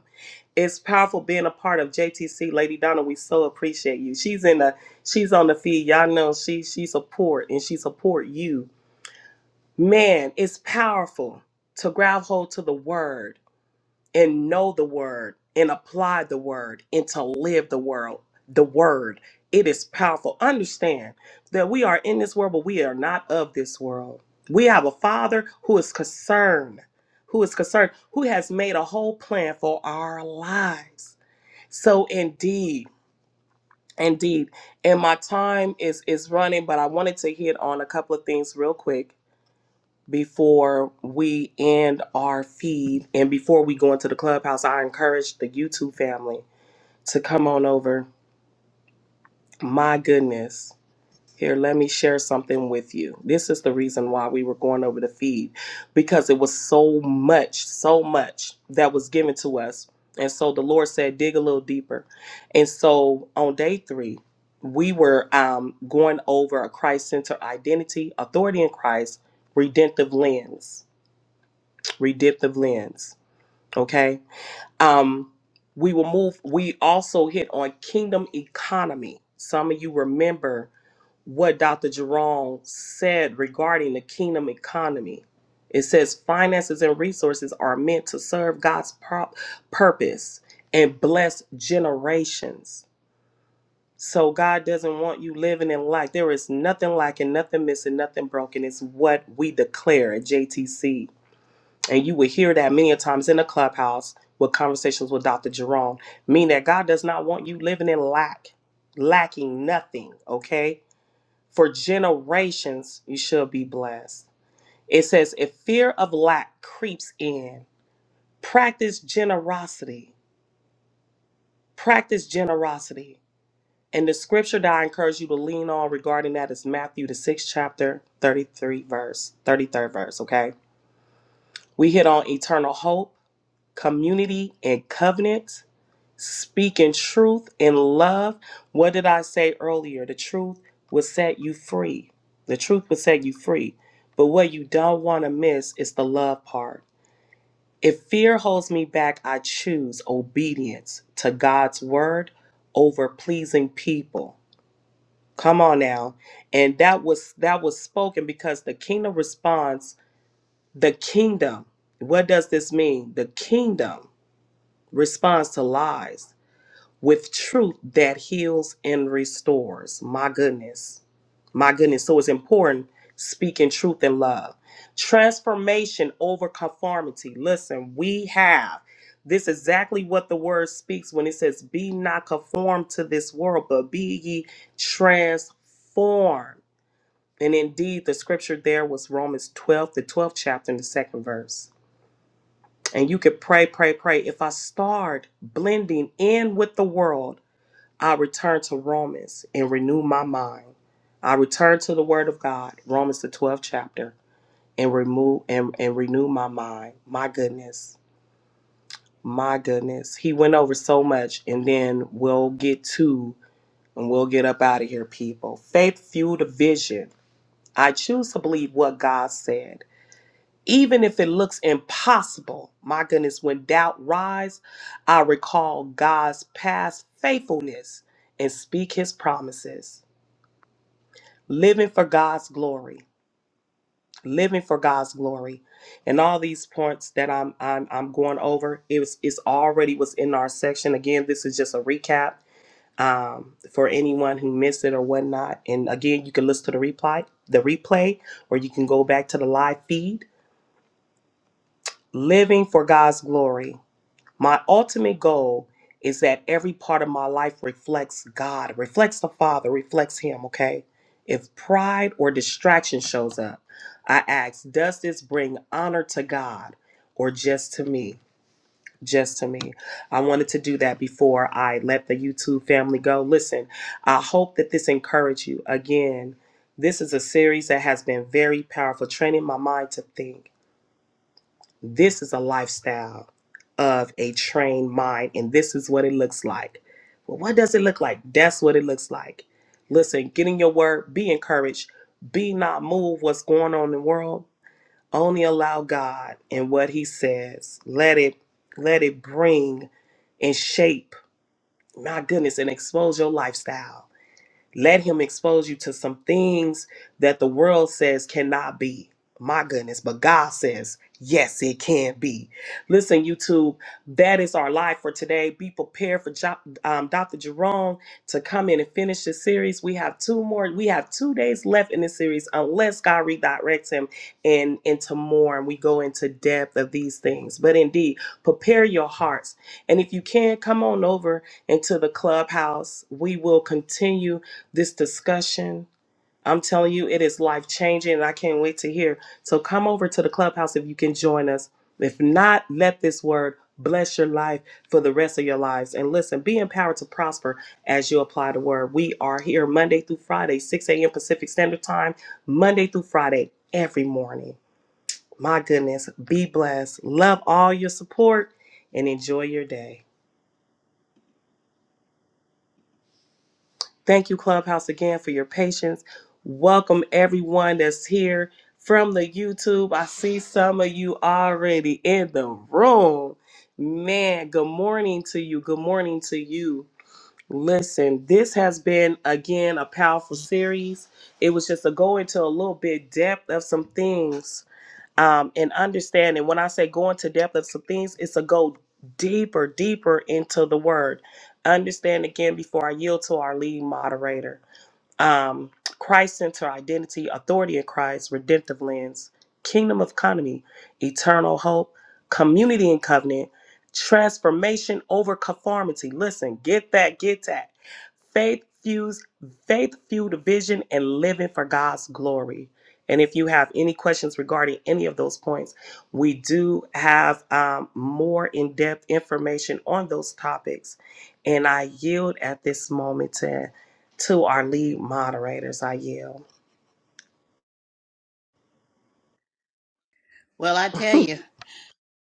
Speaker 1: it's powerful being a part of JTC, Lady Donna. We so appreciate you. She's in the she's on the feed. Y'all know she she support and she support you. Man, it's powerful to grab hold to the word and know the word and apply the word and to live the world the word. It is powerful. Understand that we are in this world, but we are not of this world. We have a father who is concerned, who is concerned, who has made a whole plan for our lives so indeed, indeed, and my time is is running, but I wanted to hit on a couple of things real quick before we end our feed and before we go into the clubhouse. I encourage the YouTube family to come on over. My goodness. Here, let me share something with you. This is the reason why we were going over the feed because it was so much, so much that was given to us. And so the Lord said, dig a little deeper. And so on day three, we were um, going over a Christ centered identity, authority in Christ, redemptive lens, redemptive lens. Okay. Um, we will move, we also hit on kingdom economy. Some of you remember what Dr. Jerome said regarding the kingdom economy. It says finances and resources are meant to serve God's pro- purpose and bless generations. So God doesn't want you living in lack. There is nothing lacking, nothing missing, nothing broken. It's what we declare at JTC. And you will hear that many a times in the clubhouse with conversations with Dr. Jerome, meaning that God does not want you living in lack, lacking nothing, okay? For generations you shall be blessed. It says, if fear of lack creeps in, practice generosity. Practice generosity. And the scripture that I encourage you to lean on regarding that is Matthew the sixth chapter, 33 verse, 33rd verse, okay? We hit on eternal hope, community, and covenant. speaking truth in love. What did I say earlier? The truth will set you free. The truth will set you free. But what you don't want to miss is the love part. If fear holds me back, I choose obedience to God's word over pleasing people. Come on now. And that was that was spoken because the kingdom responds, the kingdom. What does this mean? The kingdom responds to lies. with truth that heals and restores. My goodness. My goodness. So it's important speaking truth in love. Transformation over conformity. Listen, we have this is exactly what the word speaks when it says, Be not conformed to this world, but be ye transformed. And indeed, the scripture there was Romans 12, the 12th chapter, and the second verse. And you could pray, pray, pray. If I start blending in with the world, I return to Romans and renew my mind. I return to the Word of God, Romans the 12th chapter, and remove and, and renew my mind. My goodness, my goodness. He went over so much, and then we'll get to and we'll get up out of here, people. Faith fueled a vision. I choose to believe what God said. Even if it looks impossible, my goodness, when doubt rise, I recall God's past faithfulness and speak his promises. living for God's glory, living for God's glory, and all these points that I'm I'm I'm going over is it's already was in our section. Again, this is just a recap um, for anyone who missed it or whatnot. And again, you can listen to the replay, the replay, or you can go back to the live feed. Living for God's glory. My ultimate goal is that every part of my life reflects God, reflects the Father, reflects Him, okay? If pride or distraction shows up, I ask, does this bring honor to God or just to me? Just to me. I wanted to do that before I let the YouTube family go. Listen, I hope that this encouraged you. Again, this is a series that has been very powerful, training my mind to think. This is a lifestyle of a trained mind, and this is what it looks like. Well, what does it look like? That's what it looks like. Listen, get in your word, be encouraged, be not moved what's going on in the world. Only allow God and what He says. Let it let it bring and shape, my goodness, and expose your lifestyle let him expose you to some things that the world says cannot be. My goodness, but God says, yes, it can be. Listen, YouTube, that is our life for today. Be prepared for Jo- um, Dr. Jerome to come in and finish this series. We have two more, we have two days left in this series unless God redirects him and into more and we go into depth of these things. But indeed, prepare your hearts. And if you can, come on over into the clubhouse. We will continue this discussion. I'm telling you, it is life changing, and I can't wait to hear. So come over to the clubhouse if you can join us. If not, let this word bless your life for the rest of your lives. And listen, be empowered to prosper as you apply the word. We are here Monday through Friday, 6 a.m. Pacific Standard Time, Monday through Friday, every morning. My goodness, be blessed. Love all your support and enjoy your day. Thank you, Clubhouse, again for your patience. Welcome everyone that's here from the YouTube. I see some of you already in the room. Man, good morning to you. Good morning to you. Listen, this has been again a powerful series. It was just to go into a little bit depth of some things um, and understanding. When I say go into depth of some things, it's a go deeper, deeper into the word. Understand again before I yield to our lead moderator um, Christ Center Identity, Authority in Christ, Redemptive Lens, Kingdom of Economy, Eternal Hope, Community and Covenant, Transformation over Conformity. Listen, get that, get that. Faith fused, faith fueled vision and living for God's glory. And if you have any questions regarding any of those points, we do have um, more in depth information on those topics. And I yield at this moment to to our lead moderators. I yield.
Speaker 3: well i tell you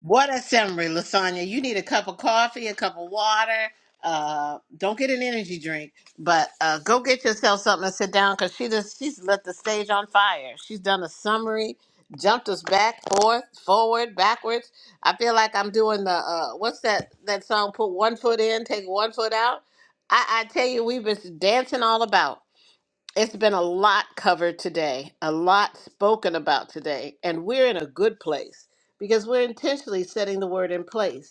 Speaker 3: What assembly, Lasagna? You need a cup of coffee, a cup of water. Uh, don't get an energy drink, but uh, go get yourself something and sit down because she just she's lit the stage on fire. She's done a summary, jumped us back, forth, forward, backwards. I feel like I'm doing the uh, what's that that song? Put one foot in, take one foot out. I, I tell you, we've been dancing all about. It's been a lot covered today, a lot spoken about today, and we're in a good place because we're intentionally setting the word in place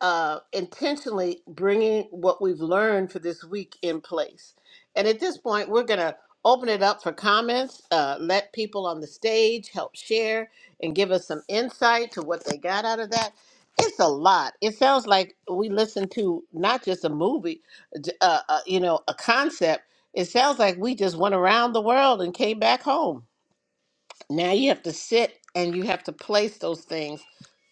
Speaker 3: uh, intentionally bringing what we've learned for this week in place. And at this point, we're going to open it up for comments, uh, let people on the stage help share and give us some insight to what they got out of that. It's a lot. It sounds like we listened to not just a movie, j- uh, uh, you know, a concept. It sounds like we just went around the world and came back home. Now you have to sit and you have to place those things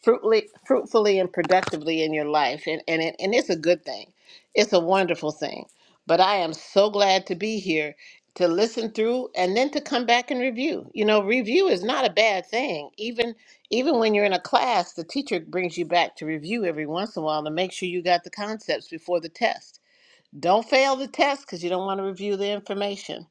Speaker 3: fruitfully, fruitfully and productively in your life. And, and, it, and it's a good thing, it's a wonderful thing. But I am so glad to be here to listen through and then to come back and review. You know, review is not a bad thing. Even even when you're in a class, the teacher brings you back to review every once in a while to make sure you got the concepts before the test. Don't fail the test because you don't want to review the information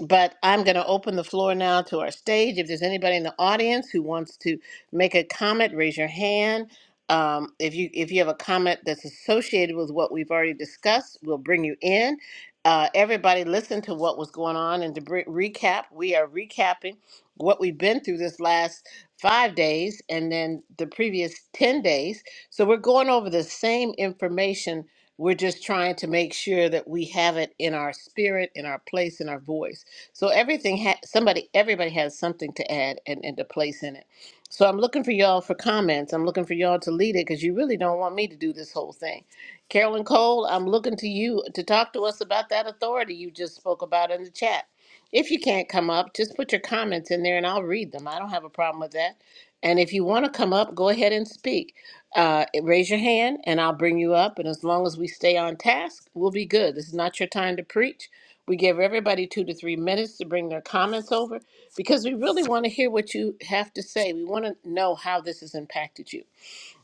Speaker 3: but I'm going to open the floor now to our stage. If there's anybody in the audience who wants to make a comment, raise your hand. Um, if you if you have a comment that's associated with what we've already discussed, we'll bring you in. Uh, everybody, listen to what was going on, and to br- recap, we are recapping what we've been through this last five days, and then the previous ten days. So we're going over the same information. We're just trying to make sure that we have it in our spirit, in our place, in our voice. So everything ha- somebody everybody has something to add and, and to place in it. So I'm looking for y'all for comments. I'm looking for y'all to lead it because you really don't want me to do this whole thing. Carolyn Cole, I'm looking to you to talk to us about that authority you just spoke about in the chat. If you can't come up, just put your comments in there and I'll read them. I don't have a problem with that. And if you want to come up, go ahead and speak. Uh, eh, raise your hand and I'll bring you up. And as long as we stay on task, we'll be good. This is not your time to preach. We give everybody two to three minutes to bring their comments over because we really want to hear what you have to say. We want to know how this has impacted you.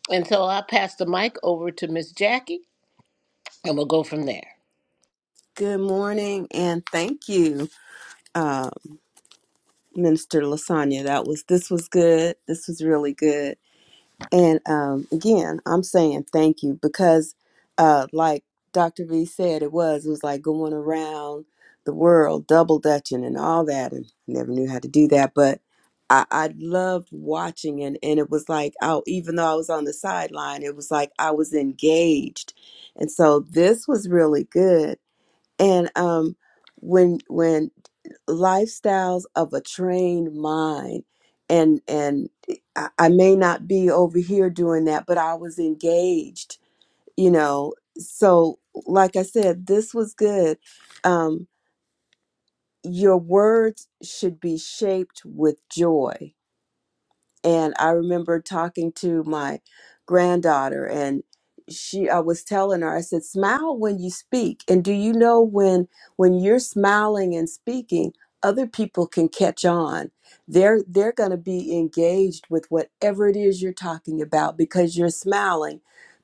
Speaker 3: And so I'll pass the mic over to Miss Jackie and we'll go from there.
Speaker 2: Good morning and thank you, uh, Minister Lasagna. That was this was good. This was really good. And um, again, I'm saying thank you because, uh, like Dr. V said, it was it was like going around the world, double dutching and all that, and I never knew how to do that. But I, I loved watching, and and it was like, oh, even though I was on the sideline, it was like I was engaged, and so this was really good and um when when lifestyles of a trained mind and and eh, I, I may not be over here doing that but i was engaged you know so like i said this was good um your words should be shaped with joy and I remember talking to my granddaughter and she I was telling her I said smile when you speak and do you know when when you're smiling and speaking other people can catch on they're they're going to be engaged with whatever it is you're talking about because you're smiling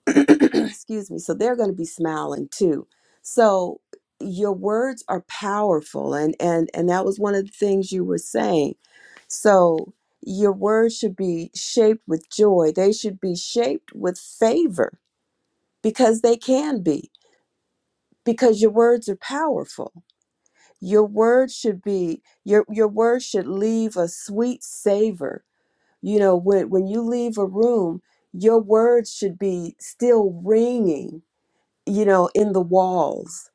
Speaker 2: excuse me so they're going to be smiling too so your words are powerful and and and that was one of the things you were saying so your words should be shaped with joy they should be shaped with favor because they can be because your words are powerful your words should be your your words should leave a sweet savor you know when when you leave a room your words should be still ringing you know, in the walls.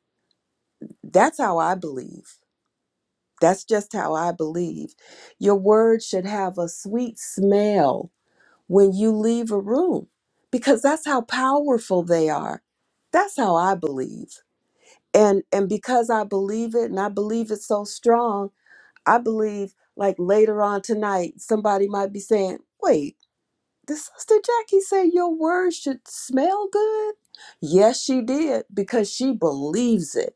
Speaker 2: That's how I believe. That's just how I believe. Your word should have a sweet smell when you leave a room because that's how powerful they are. That's how I believe. And and because I believe it and I believe it so strong, I believe like later on tonight somebody might be saying, "Wait, did Sister Jackie say your word should smell good?" Yes, she did because she believes it.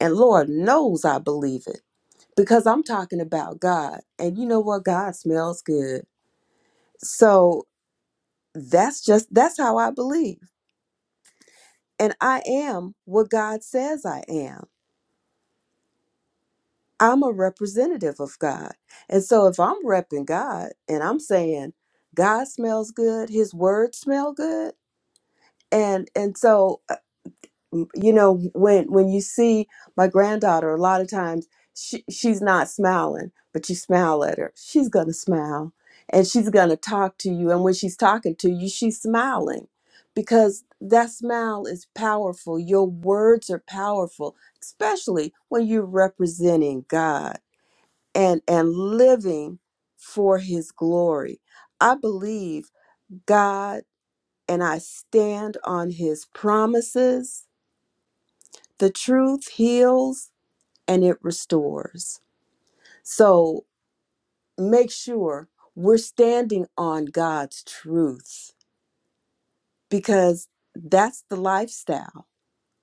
Speaker 2: And Lord knows I believe it because I'm talking about God. And you know what? God smells good. So that's just, that's how I believe. And I am what God says I am. I'm a representative of God. And so if I'm repping God and I'm saying God smells good, his words smell good. And and so uh, m- you know when when you see my granddaughter a lot of times she, she's not smiling but you smile at her she's gonna smile and she's gonna talk to you and when she's talking to you she's smiling because that smile is powerful your words are powerful especially when you're representing god and and living for his glory i believe god and i stand on his promises the truth heals and it restores. So make sure we're standing on God's truth because that's the lifestyle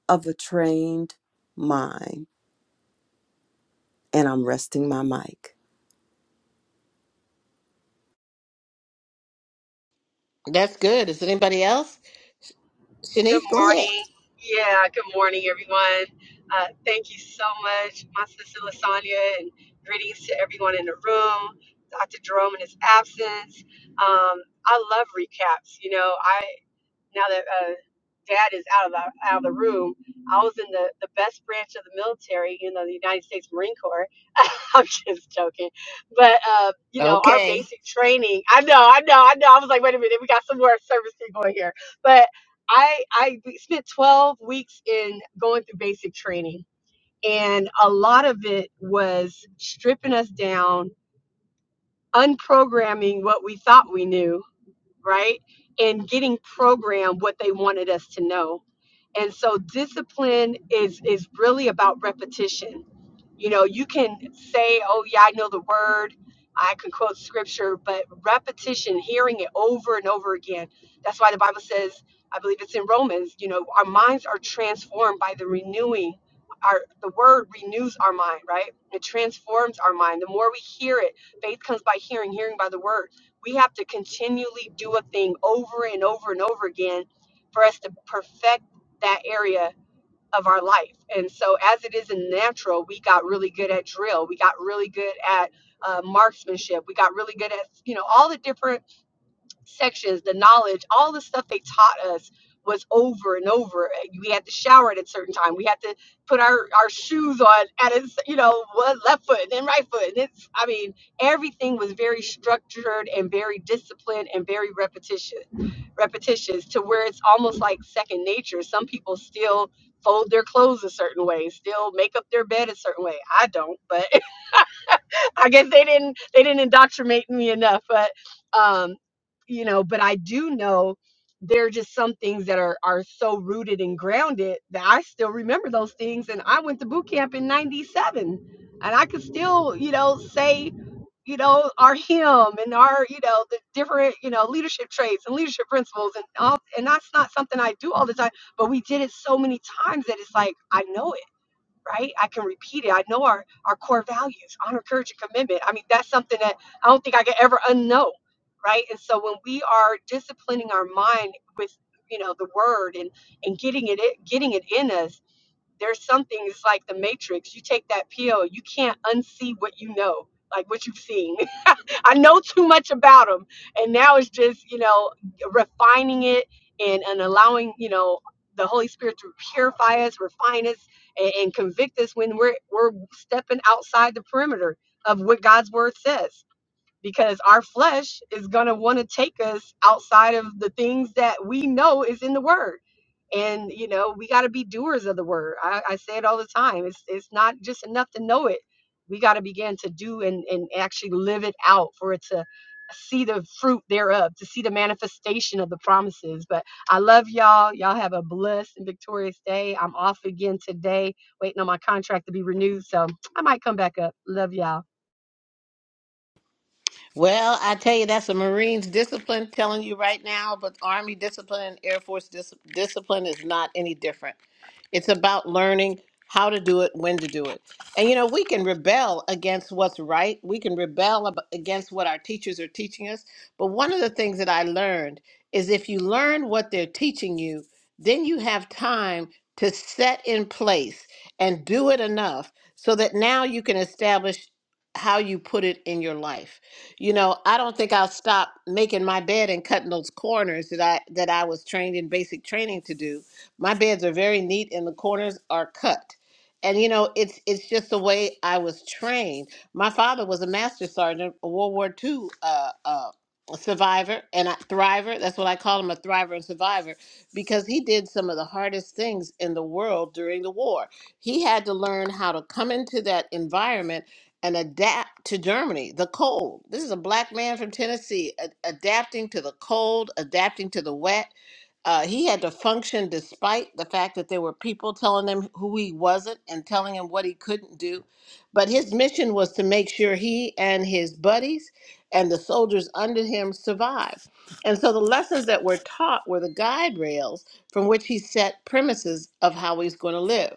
Speaker 2: of a trained mind. And I'm resting my mic.
Speaker 3: That's good. Is anybody else?
Speaker 5: Good
Speaker 3: Shanice, go ahead.
Speaker 5: morning. Yeah, good morning, everyone. Uh, thank you so much, my sister Lasagna, and greetings to everyone in the room. Dr. Jerome in his absence. Um, I love recaps. You know, now that uh, dad is out of the out of the room, I was in the, the best branch of the military, you know, the United States Marine Corps. I'm just joking, but uh, you know, our
Speaker 3: Okay.
Speaker 5: basic training. I know, I know, I know. I was like, wait a minute, we got some more service people in here, but I I spent 12 weeks in going through basic training, and a lot of it was stripping us down, unprogramming what we thought we knew right? And getting programmed what they wanted us to know. And so discipline is is really about repetition. You know, you can say, "Oh yeah, I know the word. I can quote scripture," but repetition, hearing it over and over again. That's why the Bible says, I believe it's in Romans, you know, our minds are transformed by the renewing. Our the word renews our mind, right? It transforms our mind. The more we hear it, faith comes by hearing, hearing by the word we have to continually do a thing over and over and over again for us to perfect that area of our life. And so, as it is in natural, we got really good at drill. We got really good at uh, marksmanship. We got really good at you know all the different sections, the knowledge, all the stuff they taught us was over and over. We had to shower at a certain time. We had to put our, our shoes on at a, s- you know, one left foot and then right foot. And it's, I mean, everything was very structured and very disciplined and very repetition, repetitious to where it's almost like second nature. Some people still fold their clothes a certain way, still make up their bed a certain way. I don't, but I guess they didn't they didn't indoctrinate me enough, but um, you know, but I do know there are just some things that are are so rooted and grounded that I still remember those things. And I went to boot camp in '97, and I could still, you know, say you know our hymn and our you know the different you know leadership traits and leadership principles and all and that's not something i do all the time but we did it so many times that it's like i know it right? I can repeat it. I know our, our core values, honor, courage, and commitment. I mean, that's something that I don't think I could ever unknow, right? And so when we are disciplining our mind with, you know, the word and, and getting it, i- getting it in us, there's something, it's like the matrix. You take that pill, you can't unsee what you know, like what you've seen. I know too much about them, and now it's just you know refining it and and allowing you know the Holy Spirit to purify us, refine us, and, and convict us when we're we're stepping outside the perimeter of what God's Word says because our flesh is going to want to take us outside of the things that we know is in the word and you know we got to be doers of the word I, I say it all the time it's it's not just enough to know it we got to begin to do and and actually live it out for it to see the fruit thereof to see the manifestation of the promises but i love y'all y'all have a blessed and victorious day i'm off again today waiting on my contract to be renewed so i might come back up love y'all
Speaker 3: Well, I tell you, that's a Marines discipline telling you right now, but Army discipline and Air Force dis- discipline is not any different. It's about learning how to do it, when to do it. And you know, we can rebel against what's right, we can rebel ab- against what our teachers are teaching us. But one of the things that I learned is if you learn what they're teaching you, then you have time to set in place and do it enough so that now you can establish how you put it in your life you know, I don't think I'll stop making my bed and cutting those corners that I that I was trained in basic training to do. My beds are very neat and the corners are cut. And you know, it's it's just the way I was trained. My father was a master sergeant, a World War II uh, uh, survivor and a thriver. That's what I call him, a thriver and survivor, because he did some of the hardest things in the world during the war. He had to learn how to come into that environment and adapt to Germany, the cold. This is a black man from Tennessee a- adapting to the cold, adapting to the wet. Uh, he had to function despite the fact that there were people telling him who he wasn't and telling him what he couldn't do. But his mission was to make sure he and his buddies and the soldiers under him survived. And so the lessons that were taught were the guide rails from which he set premises of how he's going to live.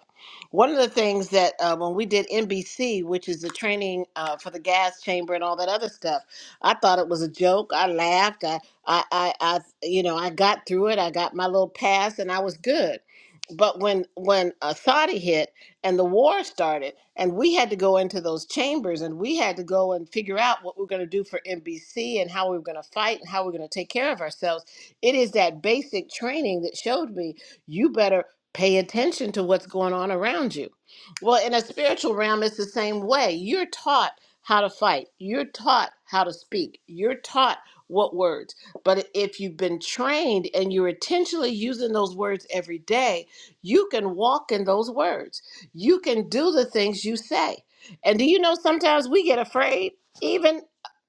Speaker 3: One of the things that uh, when we did NBC, which is the training uh, for the gas chamber and all that other stuff, I thought it was a joke. I laughed. I, I, I, you know, I got through it. I got my little pass, and I was good. But when when uh, Saudi hit and the war started, and we had to go into those chambers, and we had to go and figure out what we are going to do for NBC and how we were going to fight and how we are going to take care of ourselves, it is that basic training that showed me you better pay attention to what's going on around you. Well, in a spiritual realm, it's the same way. You're taught how to fight. You're taught how to speak. You're taught what words. But if you've been trained and you're intentionally using those words every day, you can walk in those words. You can do the things you say. And do you know sometimes we get afraid? Even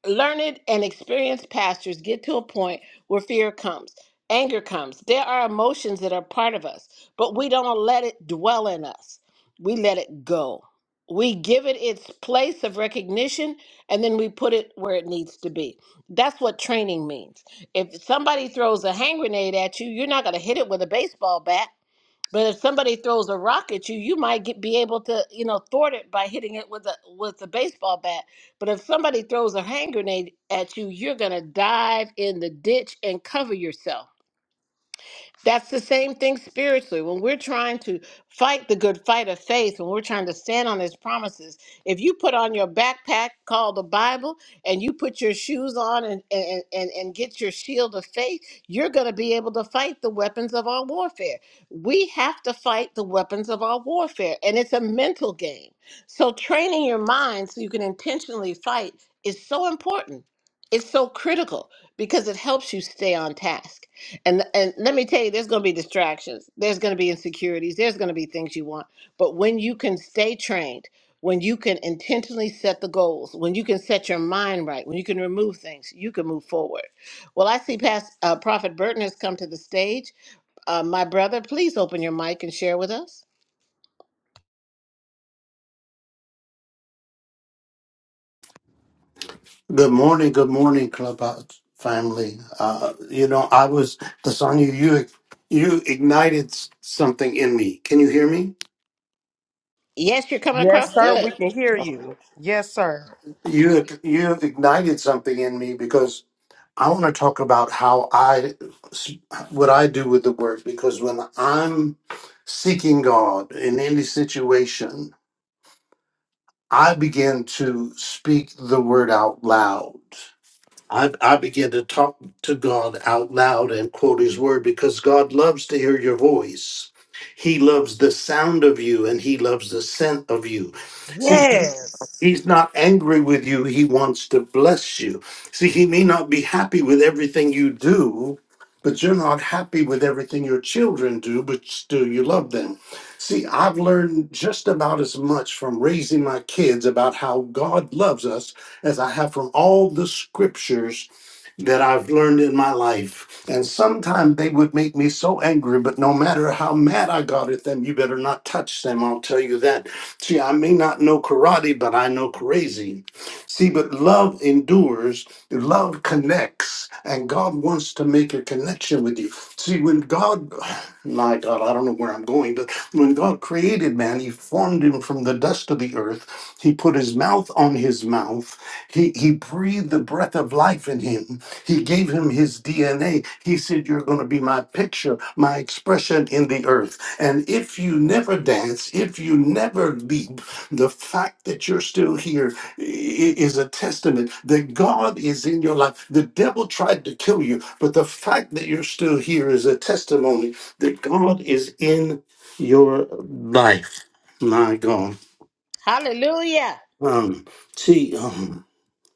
Speaker 3: uh, learned and experienced pastors get to a point where fear comes, anger comes. There are emotions that are part of us, but we don't let it dwell in us. We let it go. We give it its place of recognition and then we put it where it needs to be. That's what training means if somebody throws a hand grenade at you, you're not going to hit it with a baseball bat. But if somebody throws a rock at you, you might get, be able to, you know, thwart it by hitting it with a with a baseball bat. But if somebody throws a hand grenade at you, you're going to dive in the ditch and cover yourself. That's the same thing spiritually. When we're trying to fight the good fight of faith, when we're trying to stand on his promises, if you put on your backpack called the Bible and you put your shoes on and, and, and, and get your shield of faith, you're going to be able to fight the weapons of our warfare. We have to fight the weapons of our warfare, and it's a mental game. So, training your mind so you can intentionally fight is so important. It's so critical because it helps you stay on task. And and let me tell you, there's going to be distractions. There's going to be insecurities. There's going to be things you want. But when you can stay trained, when you can intentionally set the goals, when you can set your mind right, when you can remove things, you can move forward. Well, I see past uh, Prophet Burton has come to the stage. Uh, my brother, please open your mic and share with us.
Speaker 6: Good morning, good morning, Clubhouse family. Uh, you know, I was the song you you you ignited s- something in me. Can you hear me?
Speaker 3: Yes, you're coming
Speaker 1: Yes,
Speaker 3: across
Speaker 1: sir. We
Speaker 3: good.
Speaker 1: can hear you. Yes, sir.
Speaker 6: You you ignited something in me because I want to talk about how I what I do with the word because when I'm seeking God in any situation, I begin to speak the word out loud. I, I began to talk to God out loud and quote his word because God loves to hear your voice. He loves the sound of you and he loves the scent of you. See, he-
Speaker 1: Yes.
Speaker 6: he's not angry with you. He wants to bless you. See, he may not be happy with everything you do, but you're not happy with everything your children do, but still you love them. See, I've learned just about as much from raising my kids about how God loves us as I have from all the scriptures that I've learned in my life. And sometimes they would make me so angry, but no matter how mad I got at them, you better not touch them. I'll tell you that. See, I may not know karate, but I know crazy. See, but love endures, love connects, and God wants to make a connection with you. See, when God, my God, I don't know where I'm going, but when God created man, he formed him from the dust of the earth. He put his mouth on his mouth. He, he breathed the breath of life in him he gave him his DNA. He said, You're going to be my picture, my expression in the earth. And if you never dance, if you never leap, the fact that you're still here i- is a testament that God is in your life. The devil tried to kill you, but the fact that you're still here is a testimony that God is in your life. My God.
Speaker 3: Hallelujah.
Speaker 6: Um, see,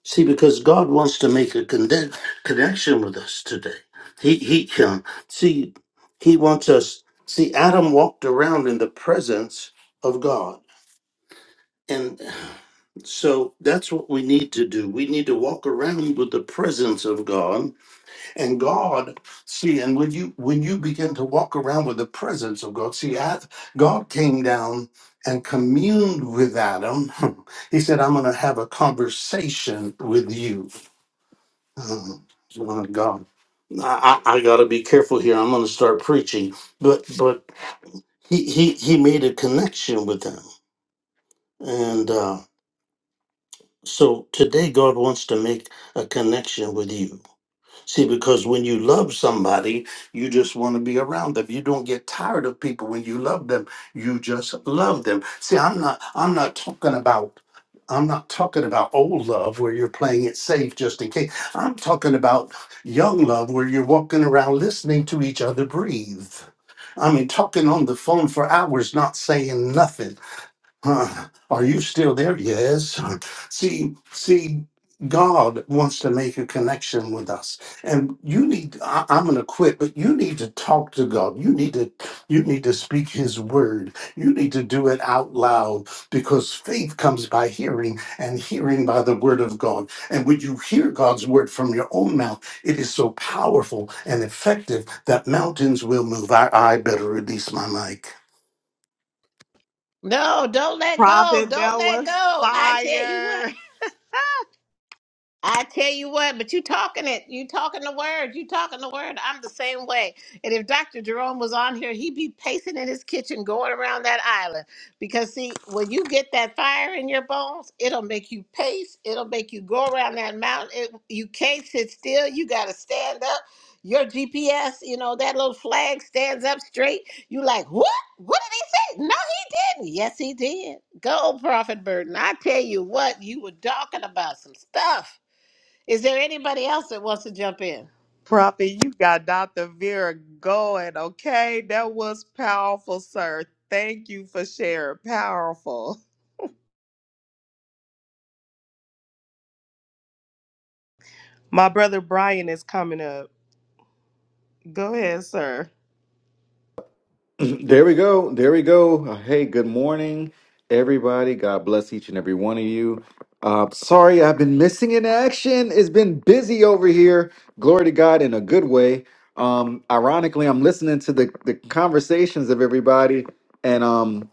Speaker 6: See, because God wants to make a conde- connection with us today. He he can see. He wants us. See, Adam walked around in the presence of God, and so that's what we need to do. We need to walk around with the presence of God and God. See, and when you when you begin to walk around with the presence of God, see, I, God came down and communed with Adam. He said, "I'm going to have a conversation with you." Oh, oh, God, I, I I gotta be careful here. I'm gonna start preaching, but but he he he made a connection with them, and uh, so today God wants to make a connection with you. See, because when you love somebody, you just want to be around them. You don't get tired of people when you love them. You just love them. See, I'm not I'm not talking about I'm not talking about old love where you're playing it safe just in case. I'm talking about young love where you're walking around listening to each other breathe. I mean, talking on the phone for hours, not saying nothing Huh? Are you still there? Yes. See, see, God wants to make a connection with us, and you need. I, I'm going to quit, but you need to talk to God. You need to. You need to speak His word. You need to do it out loud because faith comes by hearing, and hearing by the word of God. And when you hear God's word from your own mouth, it is so powerful and effective that mountains will move. I, I better release my
Speaker 3: No, don't let go.
Speaker 1: Prophet,
Speaker 3: Don't
Speaker 1: that was
Speaker 3: let go. I tell you what.
Speaker 1: fire.
Speaker 3: I tell you what, but you talking it. You talking the word. You talking the word. I'm the same way. And if Dr. Jerome was on here, he'd be pacing in his kitchen, going around that island. Because see, when you get that fire in your bones, it'll make you pace. It'll make you go around that mountain. It, you can't sit still. You got to stand up. Your GPS, you know, that little flag stands up straight. You like, what? What did he say? No, he didn't. Yes, he did. Go, Prophet Burton. I tell you what, you were talking about some stuff. Is there anybody else that wants to jump in?
Speaker 1: Prophet, you got Dr. Vera going, okay? That was powerful, sir. Thank you for sharing. Powerful. My brother Brian is coming up. Go ahead, sir.
Speaker 7: There we go. There we go. Uh, Hey, good morning, everybody. God bless each and every one of you. Uh, sorry, I've been missing in action. It's been busy over here. Glory to God in a good way. Um, ironically, I'm listening to the, the conversations of everybody, and um,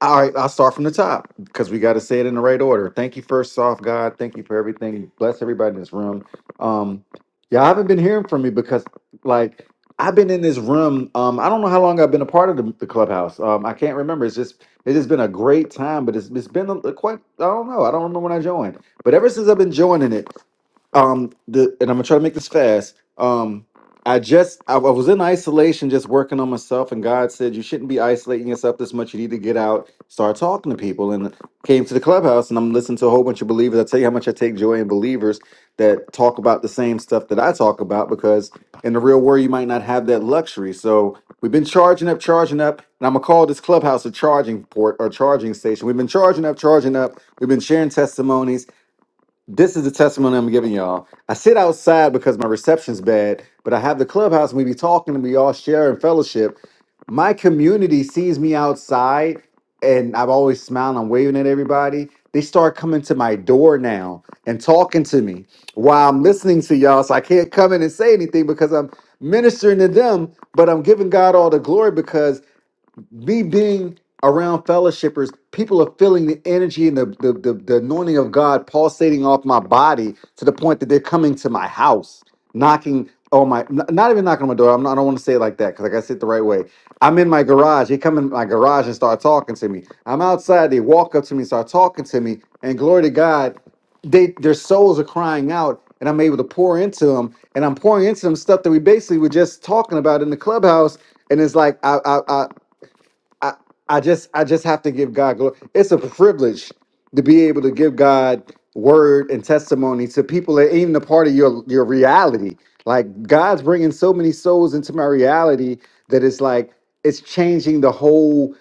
Speaker 7: all right, I'll start from the top because we got to say it in the right order. Thank you, first off, God. Thank you for everything. Bless everybody in this room. Um, y'all haven't been hearing from me because, like, I've been in this room. Um, I don't know how long I've been a part of the, the clubhouse. Um, I can't remember. It's just it's just been a great time, but it's it's been a, a quite. I don't know. I don't remember when I joined, but ever since I've been joining it um the and I'm gonna try to make this fast. Um I just I, I was in isolation just working on myself and God said you shouldn't be isolating yourself this much. You need to get out, start talking to people and came to the clubhouse and I'm listening to a whole bunch of believers. I tell you how much I take joy in believers that talk about the same stuff that I talk about because in the real world you might not have that luxury. So we've been charging up, charging up, and I'm gonna call this clubhouse a charging port or charging station. We've been charging up, charging up, we've been sharing testimonies this is the testimony I'm giving y'all. I sit outside because my reception's bad, but I have the clubhouse and we be talking and we all share and fellowship. My community sees me outside and i have always smiling, I'm waving at everybody. They start coming to my door now and talking to me while I'm listening to y'all. So I can't come in and say anything because I'm ministering to them, but I'm giving God all the glory because me being around fellowshippers, people are feeling the energy and the, the, the, the anointing of God pulsating off my body to the point that they're coming to my house, knocking on my, n- not even knocking on my door. I'm not, I don't want to say it like that because I got to say it the right way. I'm in my garage. They come in my garage and start talking to me. I'm outside. They walk up to me, start talking to me. And glory to God, they their souls are crying out and I'm able to pour into them and I'm pouring into them stuff that we basically were just talking about in the clubhouse and it's like I, I, I- I, I just I just have to give God glory. It's a privilege to be able to give God word and testimony to people that ain't even a part of your your reality. Like God's bringing so many souls into my reality that it's like it's changing the whole.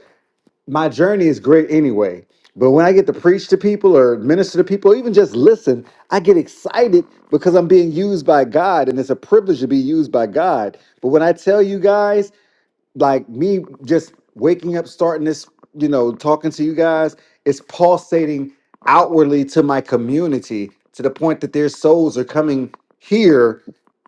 Speaker 7: My journey is great anyway, but when I get to preach to people or minister to people, or even just listen, I get excited because I'm being used by God, and it's a privilege to be used by God. But when I tell you guys, like me just waking up, starting this, you know, talking to you guys, it's pulsating outwardly to my community to the point that their souls are coming here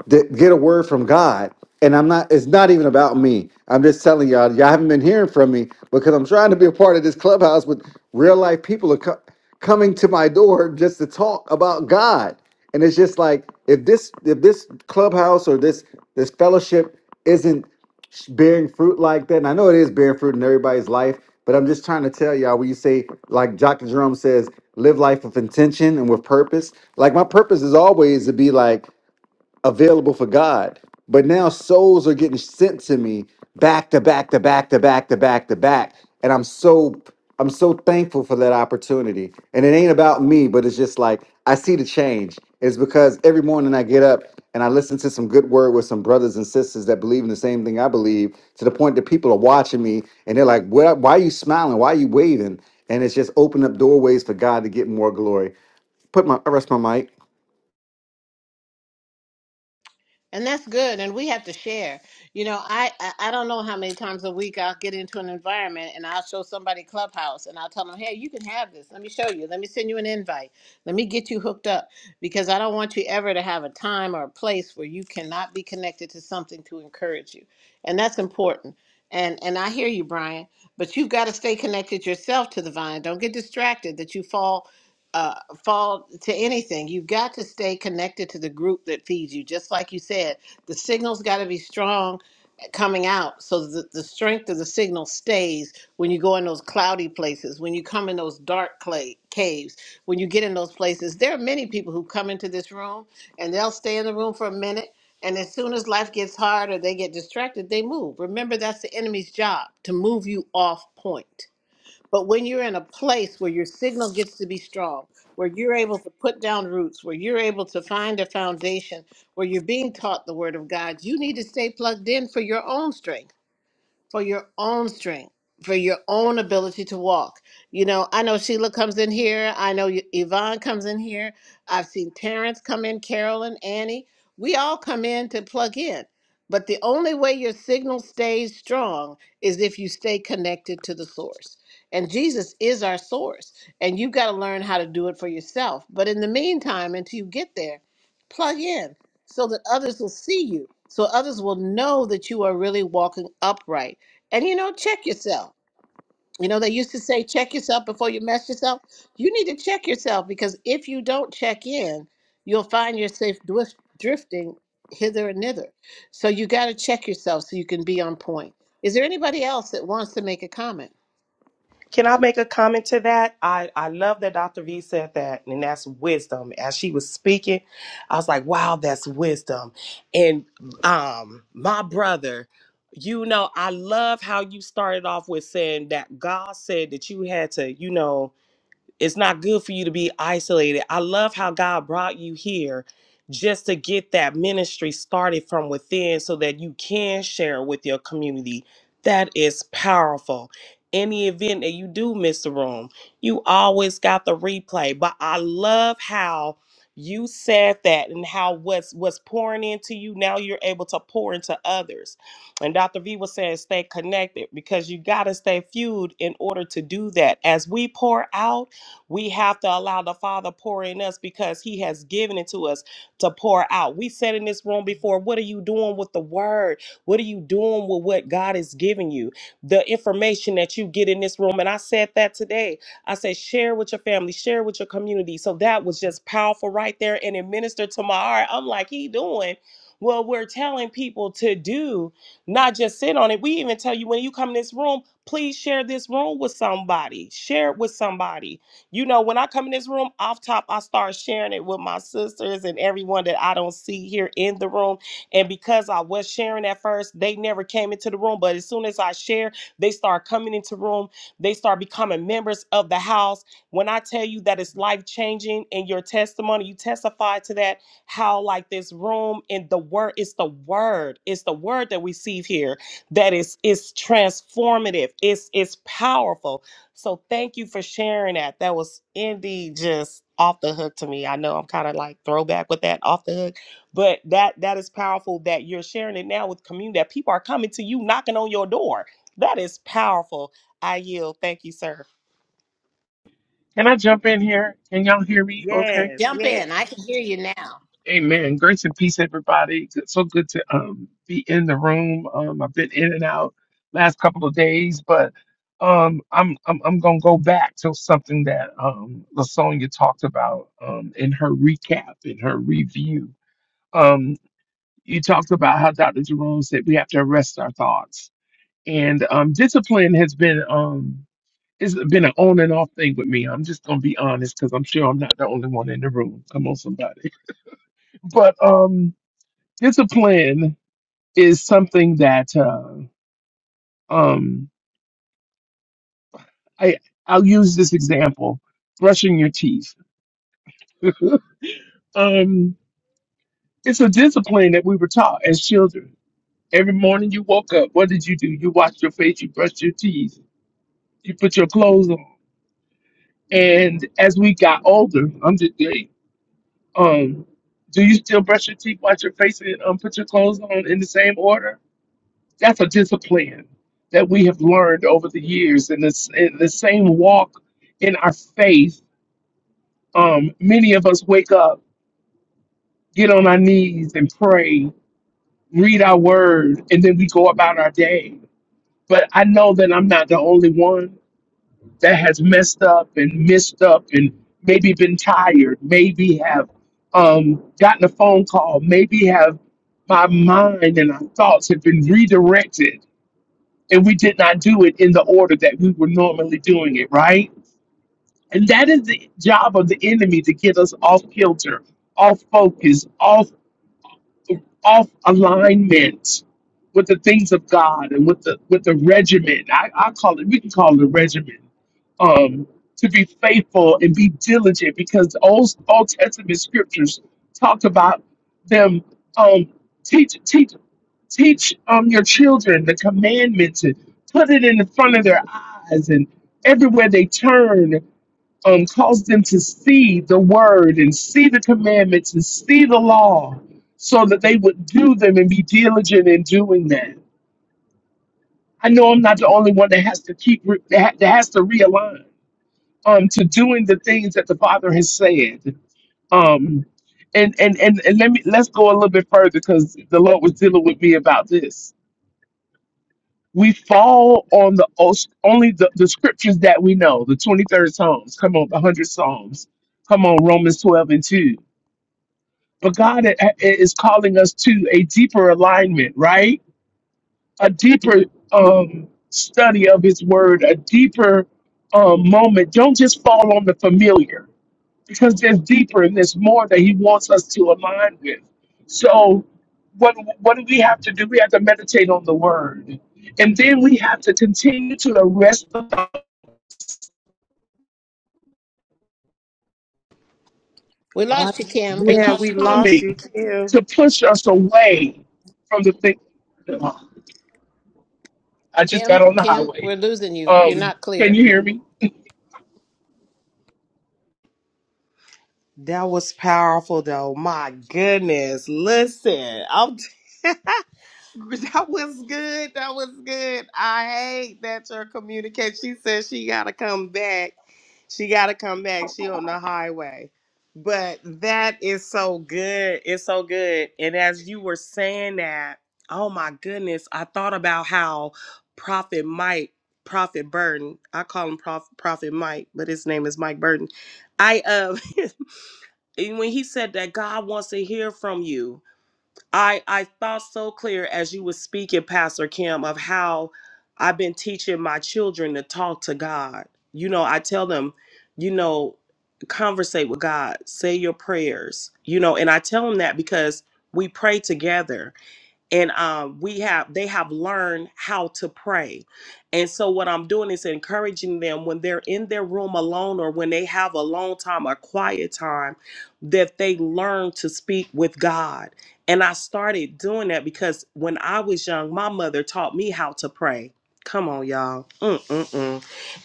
Speaker 7: that get a word from God. And I'm not, it's not even about me. I'm just telling y'all, y'all haven't been hearing from me because I'm trying to be a part of this clubhouse with real life people are co- coming to my door just to talk about God. And it's just like, if this, if this clubhouse or this, this fellowship isn't sh- bearing fruit like that, and I know it is bearing fruit in everybody's life, but I'm just trying to tell y'all when you say, like Dr. Jerome says, live life with intention and with purpose. Like my purpose is always to be like, available for God. But now souls are getting sent to me back to back to back to back to back to back. And I'm so I'm so thankful for that opportunity. And it ain't about me, but it's just like I see the change. It's because every morning I get up and I listen to some good word with some brothers and sisters that believe in the same thing I believe, to the point that people are watching me and they're like, what, why are you smiling? Why are you waving? And it's just opened up doorways for God to get more glory. Put my I rest my mic.
Speaker 3: And that's good. And we have to share. You know, I, I I don't know how many times a week I'll get into an environment and I'll show somebody Clubhouse and I'll tell them, hey, you can have this. Let me show you. Let me send you an invite. Let me get you hooked up because I don't want you ever to have a time or a place where you cannot be connected to something to encourage you. And that's important. And and I hear you, Brian, but you've got to stay connected yourself to the vine. Don't get distracted that you fall uh, fall to anything. You've got to stay connected to the group that feeds you. Just like you said, the signal's got to be strong eh, coming out so that the strength of the signal stays when you go in those cloudy places, when you come in those dark clay caves, when you get in those places. There are many people who come into this room and they'll stay in the room for a minute. And as soon as life gets hard or they get distracted, they move. Remember, that's the enemy's job to move you off point but when you're in a place where your signal gets to be strong, where you're able to put down roots, where you're able to find a foundation, where you're being taught the word of God, you need to stay plugged in for your own strength for your own strength, for your own ability to walk. You know, I know Sheila comes in here. I know Y- Yvonne comes in here. I've seen Terrence come in, Carolyn, Annie. We all come in to plug in. But the only way your signal stays strong is if you stay connected to the source. And Jesus is our source. And you've got to learn how to do it for yourself. But in the meantime, until you get there, plug in so that others will see you, so others will know that you are really walking upright and you know, check yourself. You know, they used to say, check yourself before you mess yourself. You need to check yourself because if you don't check in, you'll find yourself dwif- drifting hither and thither. So you got to check yourself so you can be on point. Is there anybody else that wants to make a comment?
Speaker 1: Can I make a comment to that? I, I love that Dr. V said that, and that's wisdom. As she was speaking, I was like, wow, that's wisdom. And um, my brother, you know, I love how you started off with saying that God said that you had to, you know, it's not good for you to be isolated. I love how God brought you here just to get that ministry started from within so that you can share with your community. That is powerful. Any event that you do miss the room, you always got the replay. But I love how you said that and how what's what's pouring into you now you're able to pour into others. And Dr. V was saying stay connected because you got to stay fueled in order to do that. As we pour out, we have to allow the Father pour in us because He has given it to us to pour out. We said in this room before, what are you doing with the word? What are you doing with what God is giving you? The information that you get in this room. And I said that today. I said, share with your family, share with your community. So that was just powerful right there. And it ministered to my heart. I'm like, He doing. Well, we're telling people to do, not just sit on it. We even tell you when you come in this room, please share this room with somebody. Share it with somebody you know, when I come in this room, off top, I start sharing it with my sisters and everyone that I don't see here in the room. And because I was sharing at first, they never came into the room. But as soon as I share, they start coming into room. They start becoming members of the house. When I tell you that it's life changing and your testimony, you testify to that how like this room and the word it's the word it's the word that we see here that is is transformative it's it's powerful so thank you for sharing that. That was indeed just off the hook to me. I know I'm kind of like throwback with that off the hook, but that that is powerful that you're sharing it now with community that people are coming to you knocking on your door. That is powerful. I yield. Thank you, sir.
Speaker 4: Can I jump in here? Can y'all hear me? Okay.
Speaker 1: Yes,
Speaker 3: Jump in.
Speaker 1: yes.
Speaker 3: I can hear you now.
Speaker 4: Amen. Grace and peace, everybody. Good- So good to um, be in the room. Um, I've been in and out last couple of days, but um, I'm I'm I'm gonna go back to something that um, Lasonia talked about um, in her recap, in her review. Um, you talked about how Dr. Jerome said we have to arrest our thoughts, and um, discipline has been um, it's been an on and off thing with me. I'm just gonna be honest because I'm sure I'm not the only one in the room. Come on, somebody. But um discipline is something that uh, um I I'll use this example brushing your teeth um it's a discipline that we were taught as children every morning you woke up what did you do you washed your face you brushed your teeth you put your clothes on and as we got older I'm just hey um do you still brush your teeth wash your face and um, put your clothes on in the same order That's a discipline that we have learned over the years. And this, in the same walk in our faith, um, many of us wake up, get on our knees and pray, read our word, and then we go about our day. But I know that I'm not the only one that has messed up and missed up and maybe been tired, maybe have um, gotten a phone call, maybe have my mind and our thoughts have been redirected and we did not do it in the order that we were normally doing it, right? And that is the job of the enemy to get us off kilter, off focus, off off alignment with the things of God and with the with the regimen. I, I call it we can call it a regimen. Um, to be faithful and be diligent because the old Old Testament scriptures talk about them um teach teach teach um your children the commandments and put it in the front of their eyes and everywhere they turn um, cause them to see the word and see the commandments and see the law so that they would do them and be diligent in doing that. I know I'm not the only one that has to keep, re- that ha- that has to realign um, to doing the things that the Father has said. Um, and, and, and, and let me, let's go a little bit further because the Lord was dealing with me about this. We fall on the os- only the, the scriptures that we know, the 23rd Psalms, come on, the 100 Psalms, come on, Romans 12 and 2 But God i- i- is calling us to a deeper alignment, right? A deeper um, study of His Word, a deeper um, moment. Don't just fall on the familiar because there's deeper and there's more that He wants us to align with. So, what, what do we have to do? We have to meditate on the Word. And then we have to continue to arrest the thought
Speaker 3: We
Speaker 1: Uh,
Speaker 3: lost you, Kim. We
Speaker 4: that
Speaker 1: yeah,
Speaker 4: keep
Speaker 3: lost
Speaker 1: we
Speaker 3: you, Kim.
Speaker 1: lost
Speaker 4: coming
Speaker 1: you, Kim.
Speaker 4: to push us away from the thing. I just
Speaker 3: Kim,
Speaker 4: got on the
Speaker 3: Kim,
Speaker 4: highway.
Speaker 3: we're losing you. You're
Speaker 4: Um,
Speaker 3: not
Speaker 4: can
Speaker 3: clear.
Speaker 4: you hear me?
Speaker 1: That was powerful though. My goodness. Listen, I'm That was good. That was good. I hate that your communication. She said she gotta come back. She gotta come back. She on the highway. But that is so good. It's so good. And as you were saying that, oh my goodness, I thought about how Prophet Mike, Prophet Burton, I call him Prof, Prophet Mike, but his name is Mike Burton. I uh, and when he said that God wants to hear from you, I I thought so clear as you were speaking, Pastor Kim, of how I've been teaching my children to talk to God. You know, I tell them, you know, conversate with God, say your prayers, you know, and I tell them that because we pray together and um, we have they have learned how to pray and so what i'm doing is encouraging them when they're in their room alone or when they have a long time or quiet time that they learn to speak with god and i started doing that because when i was young my mother taught me how to pray come on y'all Mm-mm-mm.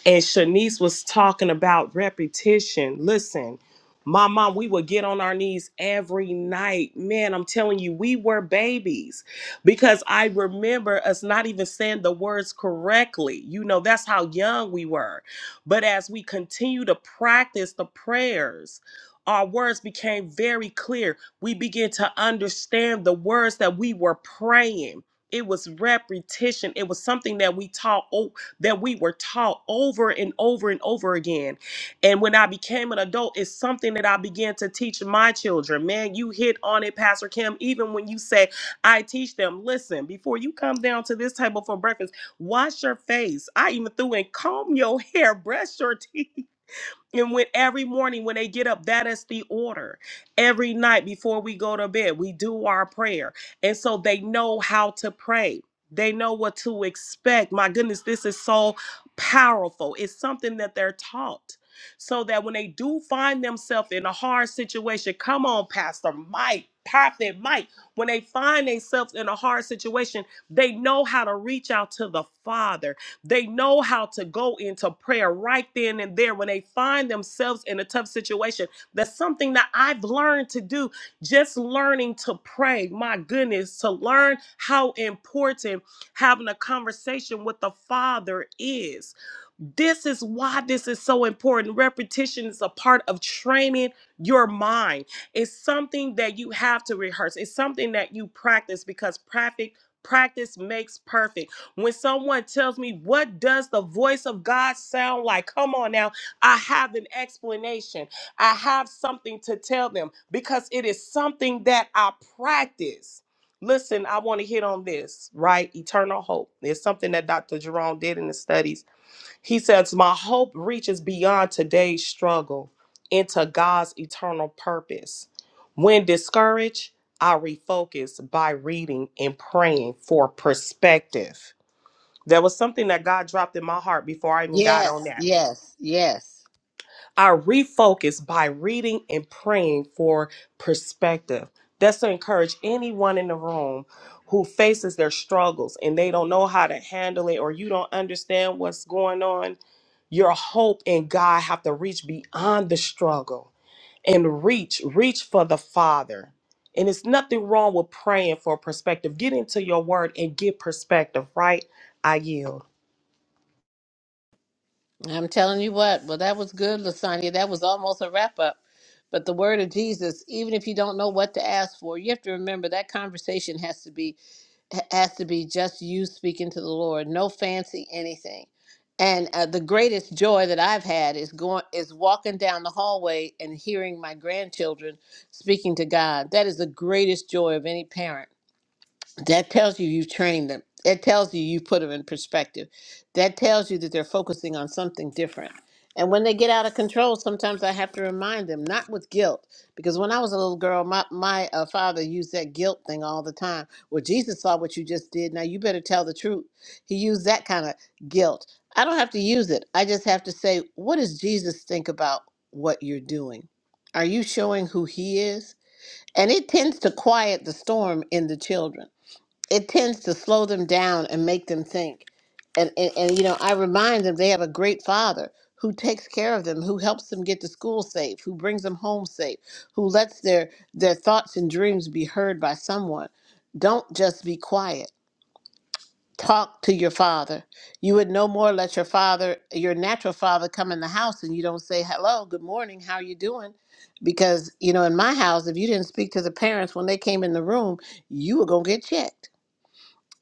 Speaker 1: And Shanice was talking about repetition. Listen, my mom, we would get on our knees every night. Man, I'm telling you, we were babies because I remember us not even saying the words correctly. You know, that's how young we were. But as we continue to practice the prayers, our words became very clear. We began to understand the words that we were praying. It was repetition. It was something that we taught that we were taught over and over and over again. And when I became an adult, it's something that I began to teach my children. Man, you hit on it, Pastor Kim. Even when you say, I teach them, listen, before you come down to this table for breakfast, wash your face. I even threw in comb your hair, brush your teeth. And when every morning when they get up, that is the order. Every night before we go to bed, we do our prayer. And so they know how to pray. They know what to expect. My goodness, this is so powerful. It's something that they're taught. So that when they do find themselves in a hard situation, come on, Pastor Mike, Prophet Mike, when they find themselves in a hard situation, they know how to reach out to the Father they know how to go into prayer right then and there when they find themselves in a tough situation. That's something that I've learned to do. Just learning to pray, my goodness, to learn how important having a conversation with the Father is this is why this is so important. Repetition is a part of training your mind. It's something that you have to rehearse. It's something that you practice because practice practice makes perfect. When someone tells me what does the voice of God sound like? Come on now, I have an explanation. I have something to tell them because it is something that I practice. Listen, I want to hit on this, right? Eternal hope. It's something that Dr. Jerome did in the studies he says, My hope reaches beyond today's struggle into God's eternal purpose. When discouraged, I refocus by reading and praying for perspective. There was something that God dropped in my heart before I even got on
Speaker 3: Yes,
Speaker 1: that.
Speaker 3: yes, yes.
Speaker 1: I refocus by reading and praying for perspective. That's to encourage anyone in the room who faces their struggles and they don't know how to handle it or you don't understand what's going on. Your hope and God have to reach beyond the struggle and reach reach for the Father. And it's nothing wrong with praying for perspective. Get into your word and get perspective, right? I yield.
Speaker 3: I'm telling you what. Well, that was good, Lasagna. That was almost a wrap up. But the word of Jesus, even if you don't know what to ask for, you have to remember that conversation has to be has to be just you speaking to the Lord. No fancy anything. And uh, the greatest joy that I've had is going is walking down the hallway and hearing my grandchildren speaking to God. That is the greatest joy of any parent that tells you you've trained them. It tells you you've put them in perspective. That tells you that they're focusing on something different. And when they get out of control, sometimes I have to remind them, not with guilt, because when I was a little girl, my, my uh, father used that guilt thing all the time. Well, Jesus saw what you just did. Now you better tell the truth. He used that kind of guilt. I don't have to use it. I just have to say, what does Jesus think about what you're doing? Are you showing who he is? And it tends to quiet the storm in the children it tends to slow them down and make them think. And, and, and you know, I remind them they have a great father who takes care of them, who helps them get to school safe, who brings them home safe, who lets their their thoughts and dreams be heard by someone. Don't just be quiet. Talk to your father. You would no more let your father, your natural father, come in the house and you don't say hello, good morning, how are you doing? Because you know, in my house, if you didn't speak to the parents when they came in the room, you were gonna get checked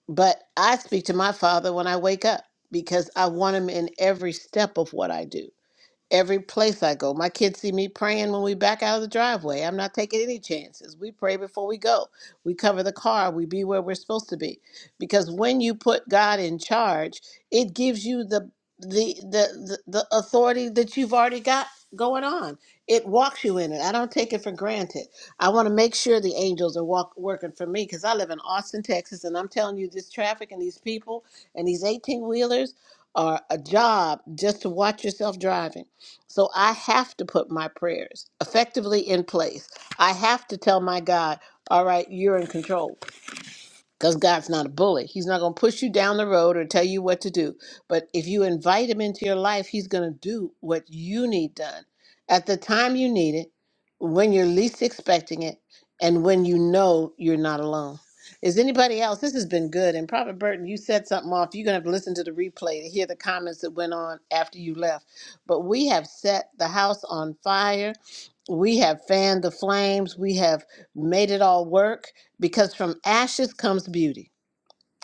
Speaker 3: but I speak to my father when I wake up because I want him in every step of what I do every place I go. My kids see me praying when we back out of the driveway. I'm not taking any chances. We pray before we go. We cover the car. We be where we're supposed to be. Because when you put God in charge, it gives you the the the the, the authority that you've already got going on. It walks you in it. I don't take it for granted. I want to make sure the angels are walk, working for me because I live in Austin, Texas, and I'm telling you, this traffic and these people and these 18 wheelers are a job just to watch yourself driving. So I have to put my prayers effectively in place. I have to tell my God, all right, you're in control because God's not a bully. He's not going to push you down the road or tell you what to do. But if you invite Him into your life, He's going to do what you need done at the time you need it, when you're least expecting it, and when you know you're not alone. Is anybody else? This has been good. And Prophet Burton, you said something off. You're going to have to listen to the replay to hear the comments that went on after you left. But we have set the house on fire we have fanned the flames. We have made it all work because from ashes comes beauty.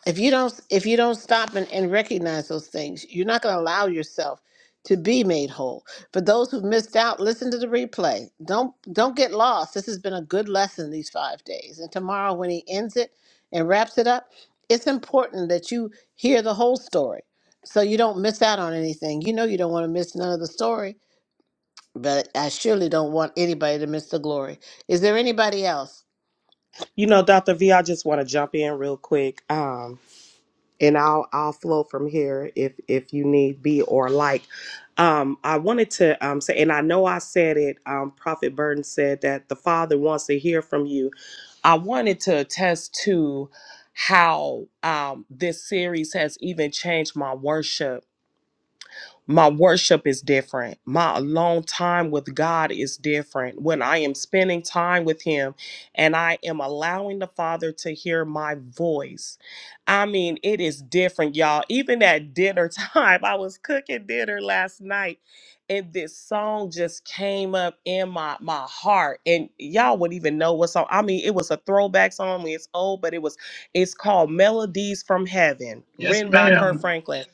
Speaker 3: If you don't if you don't stop and, and recognize those things, you're not going to allow yourself to be made whole. For those who missed out, listen to the replay. Don't don't get lost. This has been a good lesson these 5 days. And tomorrow when he ends it and wraps it up, it's important that you hear the whole story so you don't miss out on anything. You know you don't want to miss none of the story but I surely don't want anybody to miss the glory. Is there anybody else?
Speaker 1: You know, Dr. V, I just want to jump in real quick. Um, and I'll I'll flow from here if if you need be or like. Um, I wanted to um, say, and I know I said it. Um, Prophet Burton said that the Father wants to hear from you. I wanted to attest to how um, this series has even changed my worship my worship is different. My alone time with God is different. When I am spending time with Him and I am allowing the Father to hear my voice, I mean, it is different, y'all. Even at dinner time, I was cooking dinner last night and this song just came up in my, my heart. And y'all wouldn't even know what song. I mean, it was a throwback song. It's old, but it was, it's called Melodies from Heaven,
Speaker 4: Yes,
Speaker 1: written by Kirk
Speaker 4: ma'am.
Speaker 1: Franklin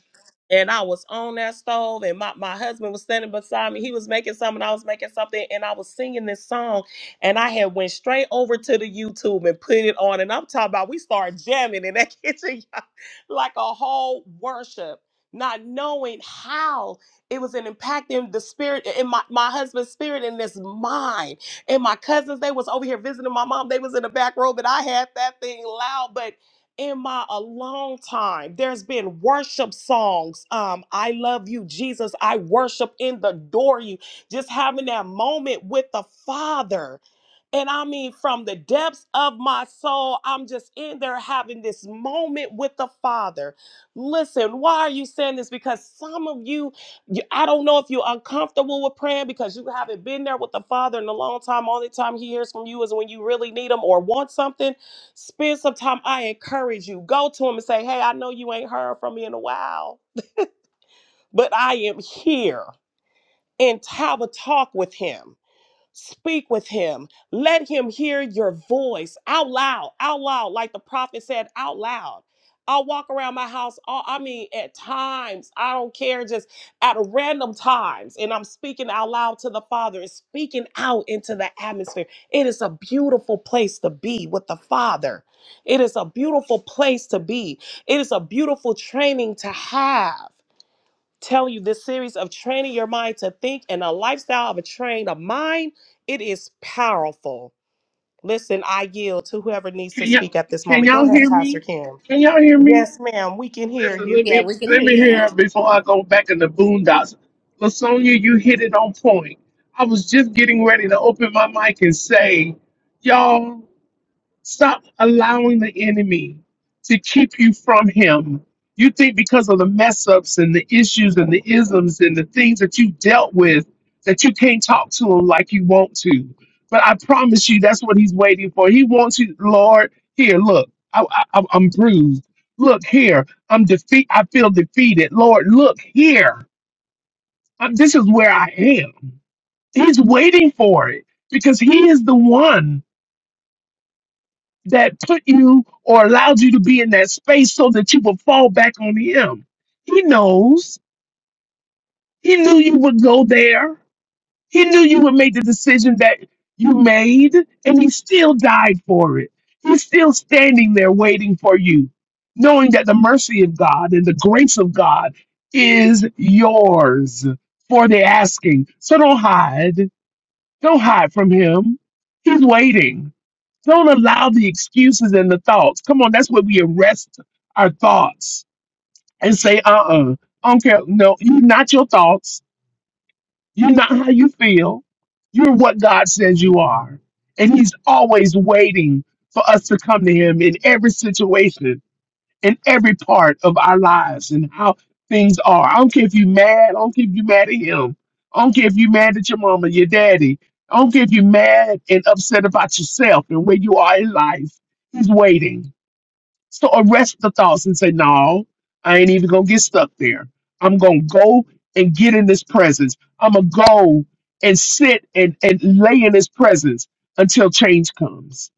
Speaker 1: and I was on that stove, and my, my husband was standing beside me. He was making something, I was making something, and I was singing this song, and I had went straight over to the YouTube and put it on, and I'm talking about we started jamming in that kitchen y'all, like a whole worship, not knowing how it was an impacting the spirit in my, my husband's spirit and this mind. And my cousins, they was over here visiting my mom. They was in the back row, but I had that thing loud, but in my a long time. There's been worship songs. Um, I love you, Jesus. I worship and adore you. Just having that moment with the Father and I mean, from the depths of my soul, I'm just in there having this moment with the Father. Listen, why are you saying this? Because some of you, you I don't know if you're uncomfortable with praying because you haven't been there with the Father in a long time. Only time He hears from you is when you really need Him or want something. Spend some time. I encourage you. Go to Him and say, Hey, I know you ain't heard from me in a while, but I am here and have a talk with Him Speak with him. Let him hear your voice out loud, out loud, like the prophet said, out loud. I'll walk around my house. All, I mean, at times, I don't care, just at random times. And I'm speaking out loud to the Father and speaking out into the atmosphere. It is a beautiful place to be with the Father. It is a beautiful place to be. It is a beautiful training to have telling you this series of training your mind to think and a lifestyle of a trained of mind, it is powerful. Listen, I yield to whoever needs
Speaker 4: Can
Speaker 1: to
Speaker 4: y'all
Speaker 1: speak at this
Speaker 4: can
Speaker 1: moment. Go
Speaker 4: y'all
Speaker 1: ahead,
Speaker 4: hear
Speaker 1: Pastor
Speaker 4: me?
Speaker 1: Kim.
Speaker 4: Can y'all hear me?
Speaker 1: Yes, ma'am, we can hear
Speaker 4: Listen,
Speaker 1: you.
Speaker 4: let me let me hear it before I go back in the boondocks. Lasonia, you hit it on point. I was just getting ready to open my mic and say, y'all. Stop allowing the enemy to keep you from him. You think because of the mess ups and the issues and the isms and the things that you dealt with that you can't talk to him like you want to. But I promise you, that's what he's waiting for. He wants you, Lord, here, look, I, I, I'm I'm bruised. Look here, I'm defeat. I feel defeated. Lord, look here. Um, this is where I am. He's waiting for it because he is the one that put you or allowed you to be in that space so that you would fall back on him. He knows. He knew you would go there. He knew you would make the decision that you made, and he still died for it. He's still standing there waiting for you, knowing that the mercy of God and the grace of God is yours for the asking. So don't hide. Don't hide from him. He's waiting. Don't allow the excuses and the thoughts. Come on, that's where we arrest our thoughts and say, uh uh I don't care. No, you're not your thoughts. You're not how you feel. You're what God says you are. And He's always waiting for us to come to Him in every situation in every part of our lives and how things are. I don't care if you're mad. I don't care if you're mad at him. I don't care if you're mad at your mama, your daddy. I don't care if you're mad and upset about yourself and where you are in life. He's waiting. So arrest the thoughts and say, no, I ain't even going to get stuck there. I'm going to go and get in this presence. I'm going to go and sit and, and lay in his presence until change comes.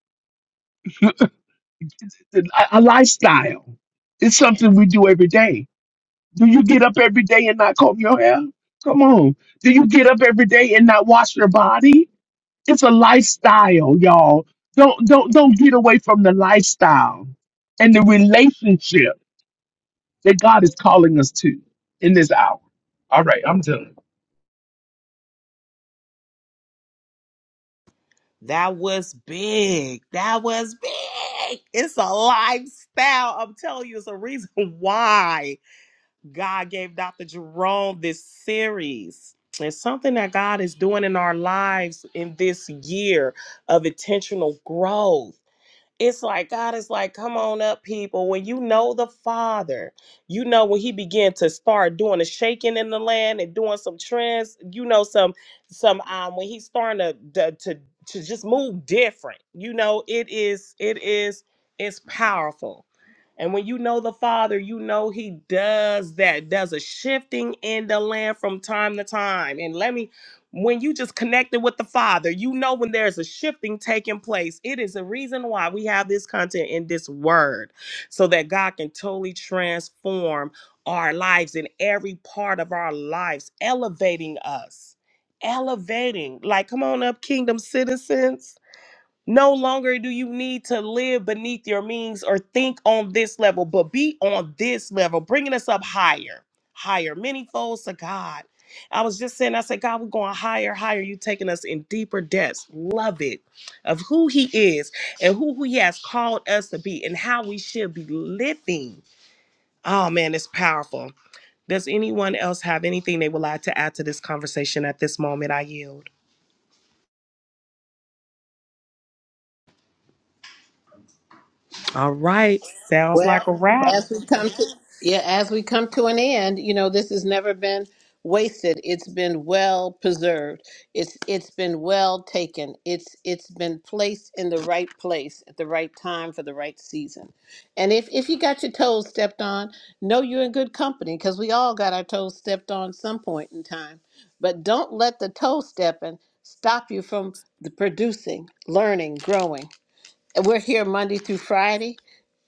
Speaker 4: A, a lifestyle. It's something we do every day do you get up every day and not comb your hair? Come on. Do you get up every day and not wash your body? It's a lifestyle, y'all. Don't don't don't get away from the lifestyle and the relationship that God is calling us to in this hour. All right, I'm done.
Speaker 1: That was big. That was big. It's a lifestyle. I'm telling you, it's a reason why God gave Dr. Jerome this series. It's something that God is doing in our lives in this year of intentional growth It's like God is like, come on up, people. When you know the Father, you know when He began to start doing a shaking in the land and doing some trends. You know some some um when He's starting to to to, to just move different. You know it is it is it's powerful. And when you know the Father, you know He does that, does a shifting in the land from time to time. And let me when you just connected with the father you know when there's a shifting taking place it is a reason why we have this content in this word so that god can totally transform our lives in every part of our lives elevating us elevating like come on up kingdom citizens no longer do you need to live beneath your means or think on this level, but be on this level, bringing us up higher, higher, many folds to God. I was just saying, I said, God, we're going higher, higher. You taking us in deeper depths. Love it of who He is and who He has called us to be and how we should be living. Oh man, it's powerful. Does anyone else have anything they would like to add to this conversation at this moment? I yield. All right, sounds like
Speaker 3: Well,
Speaker 1: a wrap.
Speaker 3: as we come to yeah, as we come to an end, you know, this has never been wasted. It's been well preserved. It's it's been well taken. It's it's been placed in the right place at the right time for the right season. And if if you got your toes stepped on, know you're in good company because we all got our toes stepped on some point in time. But don't let the toe stepping stop you from the producing, learning, growing. And we're here Monday through Friday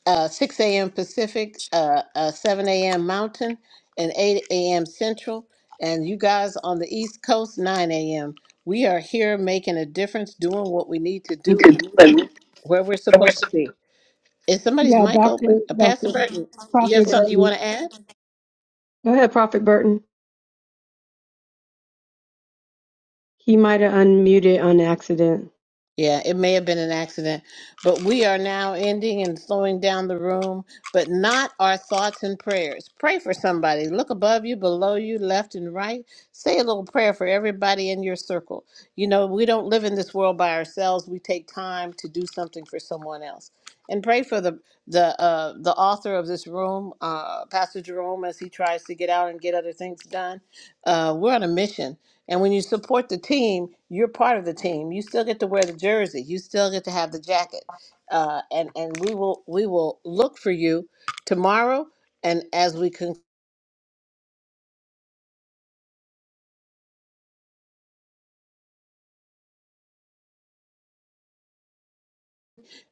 Speaker 3: uh, 6 a.m. Pacific, uh, uh, 7 a.m. Mountain, and 8 a.m. Central. And you guys on the East Coast, 9 a.m. We are here making a difference, doing what we need to do, and moving
Speaker 6: mic.
Speaker 3: where we're supposed to be. Is somebody's
Speaker 5: Yeah,
Speaker 3: mic
Speaker 5: Dr.
Speaker 3: open? Uh, Pastor
Speaker 5: Dr.
Speaker 3: Burton, you have
Speaker 5: Prophet
Speaker 3: something you
Speaker 5: Burton.
Speaker 3: want to add?
Speaker 5: Go ahead, Prophet Burton. He might have unmuted on accident.
Speaker 3: Yeah, it may have been an accident, but we are now ending and slowing down the room, but not our thoughts and prayers. Pray for somebody. Look above you, below you, left and right. Say a little prayer for everybody in your circle. You know, we don't live in this world by ourselves. We take time to do something for someone else. And pray for the the uh, the author of this room, uh, Pastor Jerome, as he tries to get out and get other things done uh, we're on a mission. And when you support the team, you're part of the team. You still get to wear the jersey. You still get to have the jacket. Uh, and and we will we will look for you tomorrow. And as we can,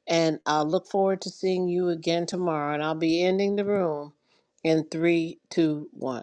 Speaker 3: and I'll look forward to seeing you again tomorrow. And I'll be ending the room in three, two, one.